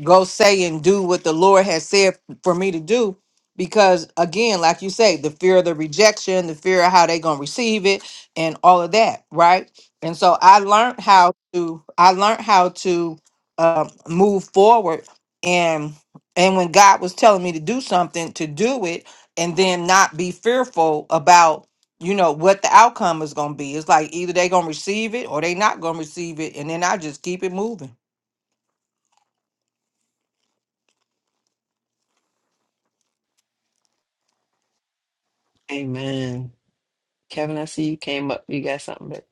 D: go say and do what the Lord has said for me to do. Because again, like you say, the fear of the rejection, the fear of how they gonna receive it, and all of that, right? And so I learned how to I learned how to uh, move forward, and and when God was telling me to do something, to do it, and then not be fearful about you know what the outcome is gonna be. It's like either they gonna receive it or they not gonna receive it, and then I just keep it moving.
A: Amen. Kevin, I see you came up. You got something, but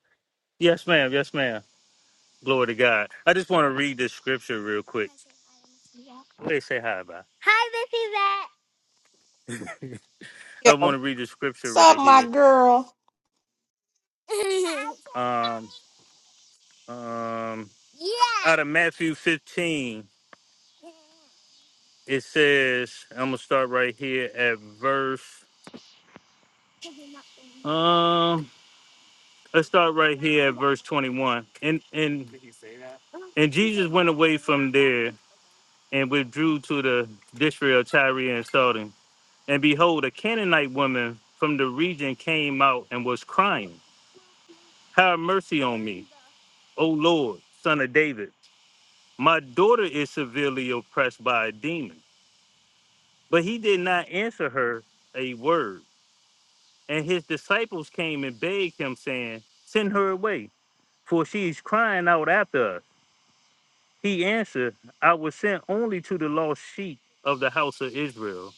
F: Yes, ma'am. Yes, ma'am. Glory to God. I just want to read this scripture real quick. What They say hi, bye. Hi, Missy, Bat.
D: Yeah.
F: I want to read the scripture
D: What's up,
F: right
D: my
F: here.
D: girl?
F: [laughs] um, um, yeah. Out of Matthew 15, it says, I'm going to start right here at verse, um, let's start right here at verse 21. And, and, and Jesus went away from there and withdrew to the district of Tyre and Sidon. And behold, a Canaanite woman from the region came out and was crying, Have mercy on me, O Lord, son of David. My daughter is severely oppressed by a demon. But he did not answer her a word. And his disciples came and begged him, saying, Send her away, for she is crying out after us. He answered, I was sent only to the lost sheep of the house of Israel.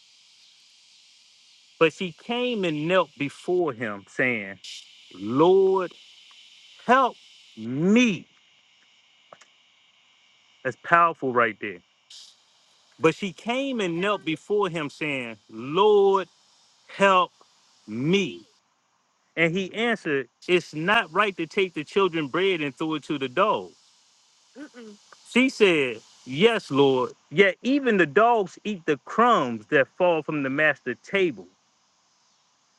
F: But she came and knelt before him, saying, Lord, help me. That's powerful right there. But she came and knelt before him, saying, Lord, help me. And he answered, It's not right to take the children's bread and throw it to the dogs. Mm-mm. She said, Yes, Lord, yet even the dogs eat the crumbs that fall from the master's table.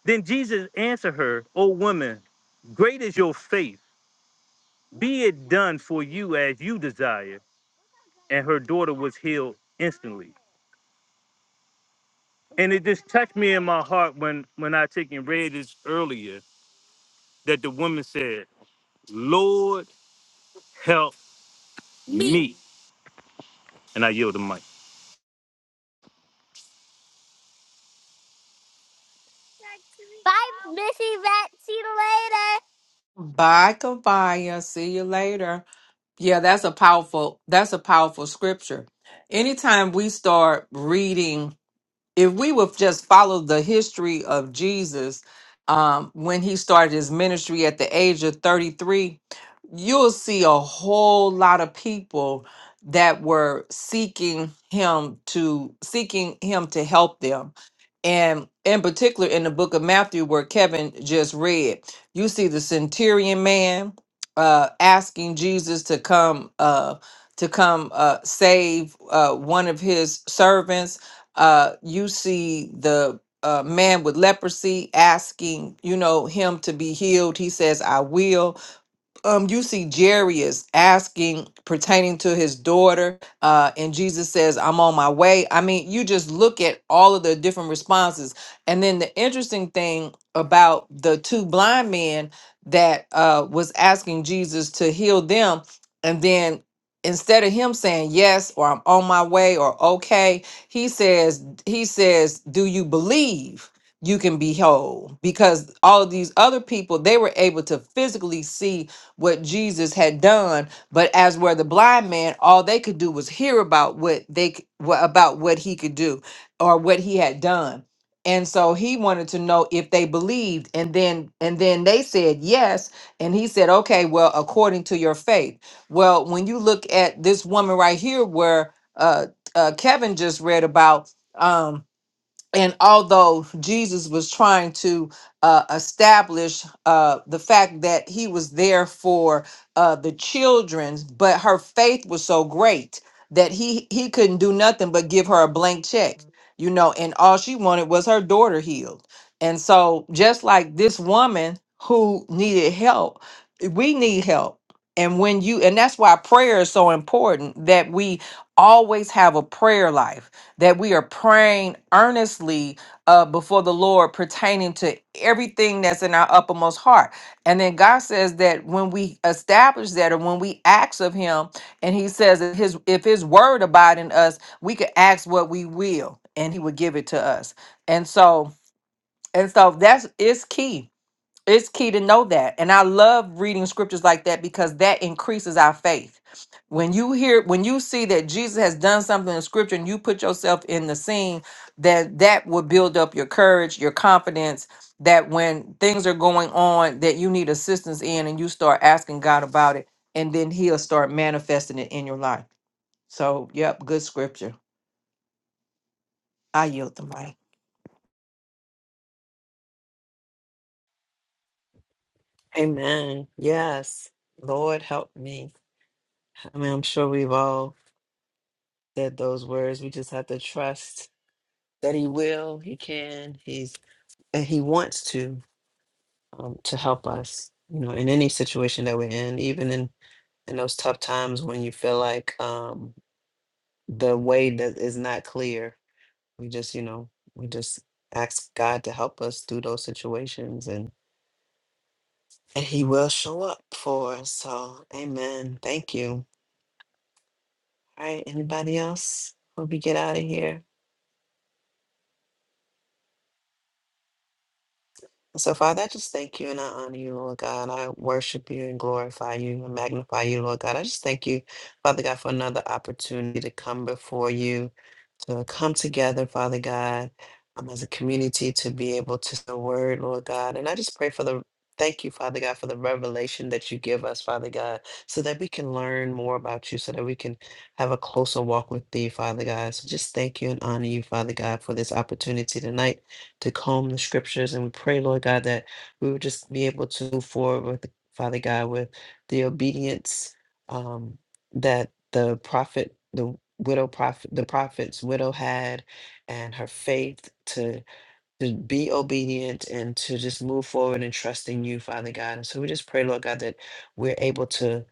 F: Then Jesus answered her, O woman, great is your faith. Be it done for you as you desire. And her daughter was healed instantly. and it just touched me in my heart when when I took and read this earlier that the woman said, "Lord help me," and I yield the mic. Bye, Missy Vet. See you later.
D: Bye, Kabaya. See you later. Yeah, that's a powerful that's a powerful scripture. Anytime we start reading if we would just follow the history of Jesus um, when he started his ministry at the age of 33, you'll see a whole lot of people that were seeking him to seeking him to help them. And in particular in the book of Matthew where Kevin just read, you see the centurion man uh asking Jesus to come uh to come uh save uh one of his servants uh, you see the uh, man with leprosy asking, you know, him to be healed. He says, I will um, you see Jerry is asking pertaining to his daughter, uh, and Jesus says, I'm on my way. I mean, you just look at all of the different responses. And then the interesting thing about the two blind men that uh, was asking Jesus to heal them, and then instead of him saying yes or I'm on my way or okay, he says, he says, do you believe? you can be whole because all of these other people they were able to physically see what Jesus had done, but as were the blind man, all they could do was hear about what they c- wha- about what he could do or what he had done. And so he wanted to know if they believed and then and then they said yes and he said okay well according to your faith. Well, when you look at this woman right here where uh, uh Kevin just read about um, and although Jesus was trying to uh, establish uh, the fact that he was there for uh, the children, but her faith was so great that he he couldn't do nothing but give her a blank check, you know, and all she wanted was her daughter healed. And so, just like this woman who needed help, we need help. And when you, and that's why prayer is so important that we always have a prayer life that we are praying earnestly uh, before the Lord pertaining to everything that's in our uppermost heart. And then God says that when we establish that or when we ask of him, and he says that his if his word abide in us, we could ask what we will and he would give it to us. And so and so that's it's key it's key to know that. And I love reading scriptures like that because that increases our faith. When you hear when you see that Jesus has done something in scripture and you put yourself in the scene, that that will build up your courage, your confidence that when things are going on that you need assistance in and you start asking God about it and then he'll start manifesting it in your life. So, yep, good scripture. I yield the mic.
A: Amen. Yes. Lord help me. I mean, I'm sure we've all said those words. We just have to trust that he will, he can, he's and he wants to. um, to help us, you know, in any situation that we're in, even in in those tough times when you feel like um, the way that is not clear. We just, you know, we just ask God to help us through those situations, and and He will show up for us. So, Amen. Thank you. All right, anybody else? Hope we get out of here. So, Father, I just thank you and I honor you, Lord God. I worship you and glorify you and magnify you, Lord God. I just thank you, Father God, for another opportunity to come before you to come together, Father God, um, as a community to be able to the word, Lord God. And I just pray for the thank you, Father God, for the revelation that you give us, Father God, so that we can learn more about you, so that we can have a closer walk with thee, Father God. So just thank you and honor you, Father God, for this opportunity tonight to comb the scriptures. And we pray, Lord God, that we would just be able to move forward with Father God with the obedience. um that the prophet, the widow prophet, the prophet's widow had, and her faith to to be obedient and to just move forward and trust in you, Father God. And so we just pray, Lord God, that we're able to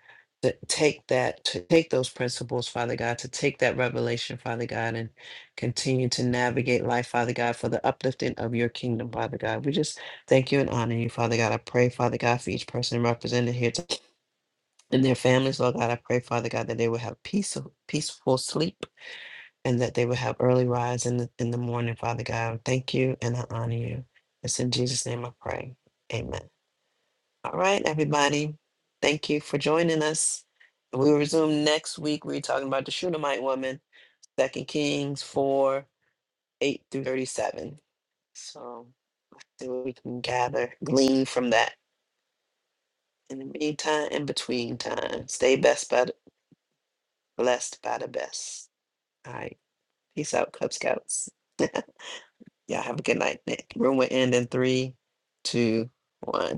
A: to take that, to take those principles, Father God, to take that revelation, Father God, and continue to navigate life, Father God, for the uplifting of your kingdom, Father God. We just thank you and honor you, Father God. I pray, Father God, for each person represented here and their families, Lord God. I pray, Father God, that they will have peace, peaceful sleep and that they will have early rise in the, in the morning, Father God. Thank you and I honor you. It's in Jesus' name I pray. Amen. All right, everybody. Thank you for joining us. We will resume next week. We're talking about the Shunammite woman, Second Kings 4 8 through 37. So see what we can gather, glean from that. In the meantime, in between time, stay best by the, blessed by the best. All right. Peace out, Cub Scouts. Y'all have a good night. Nick. Room will end in three, two, one.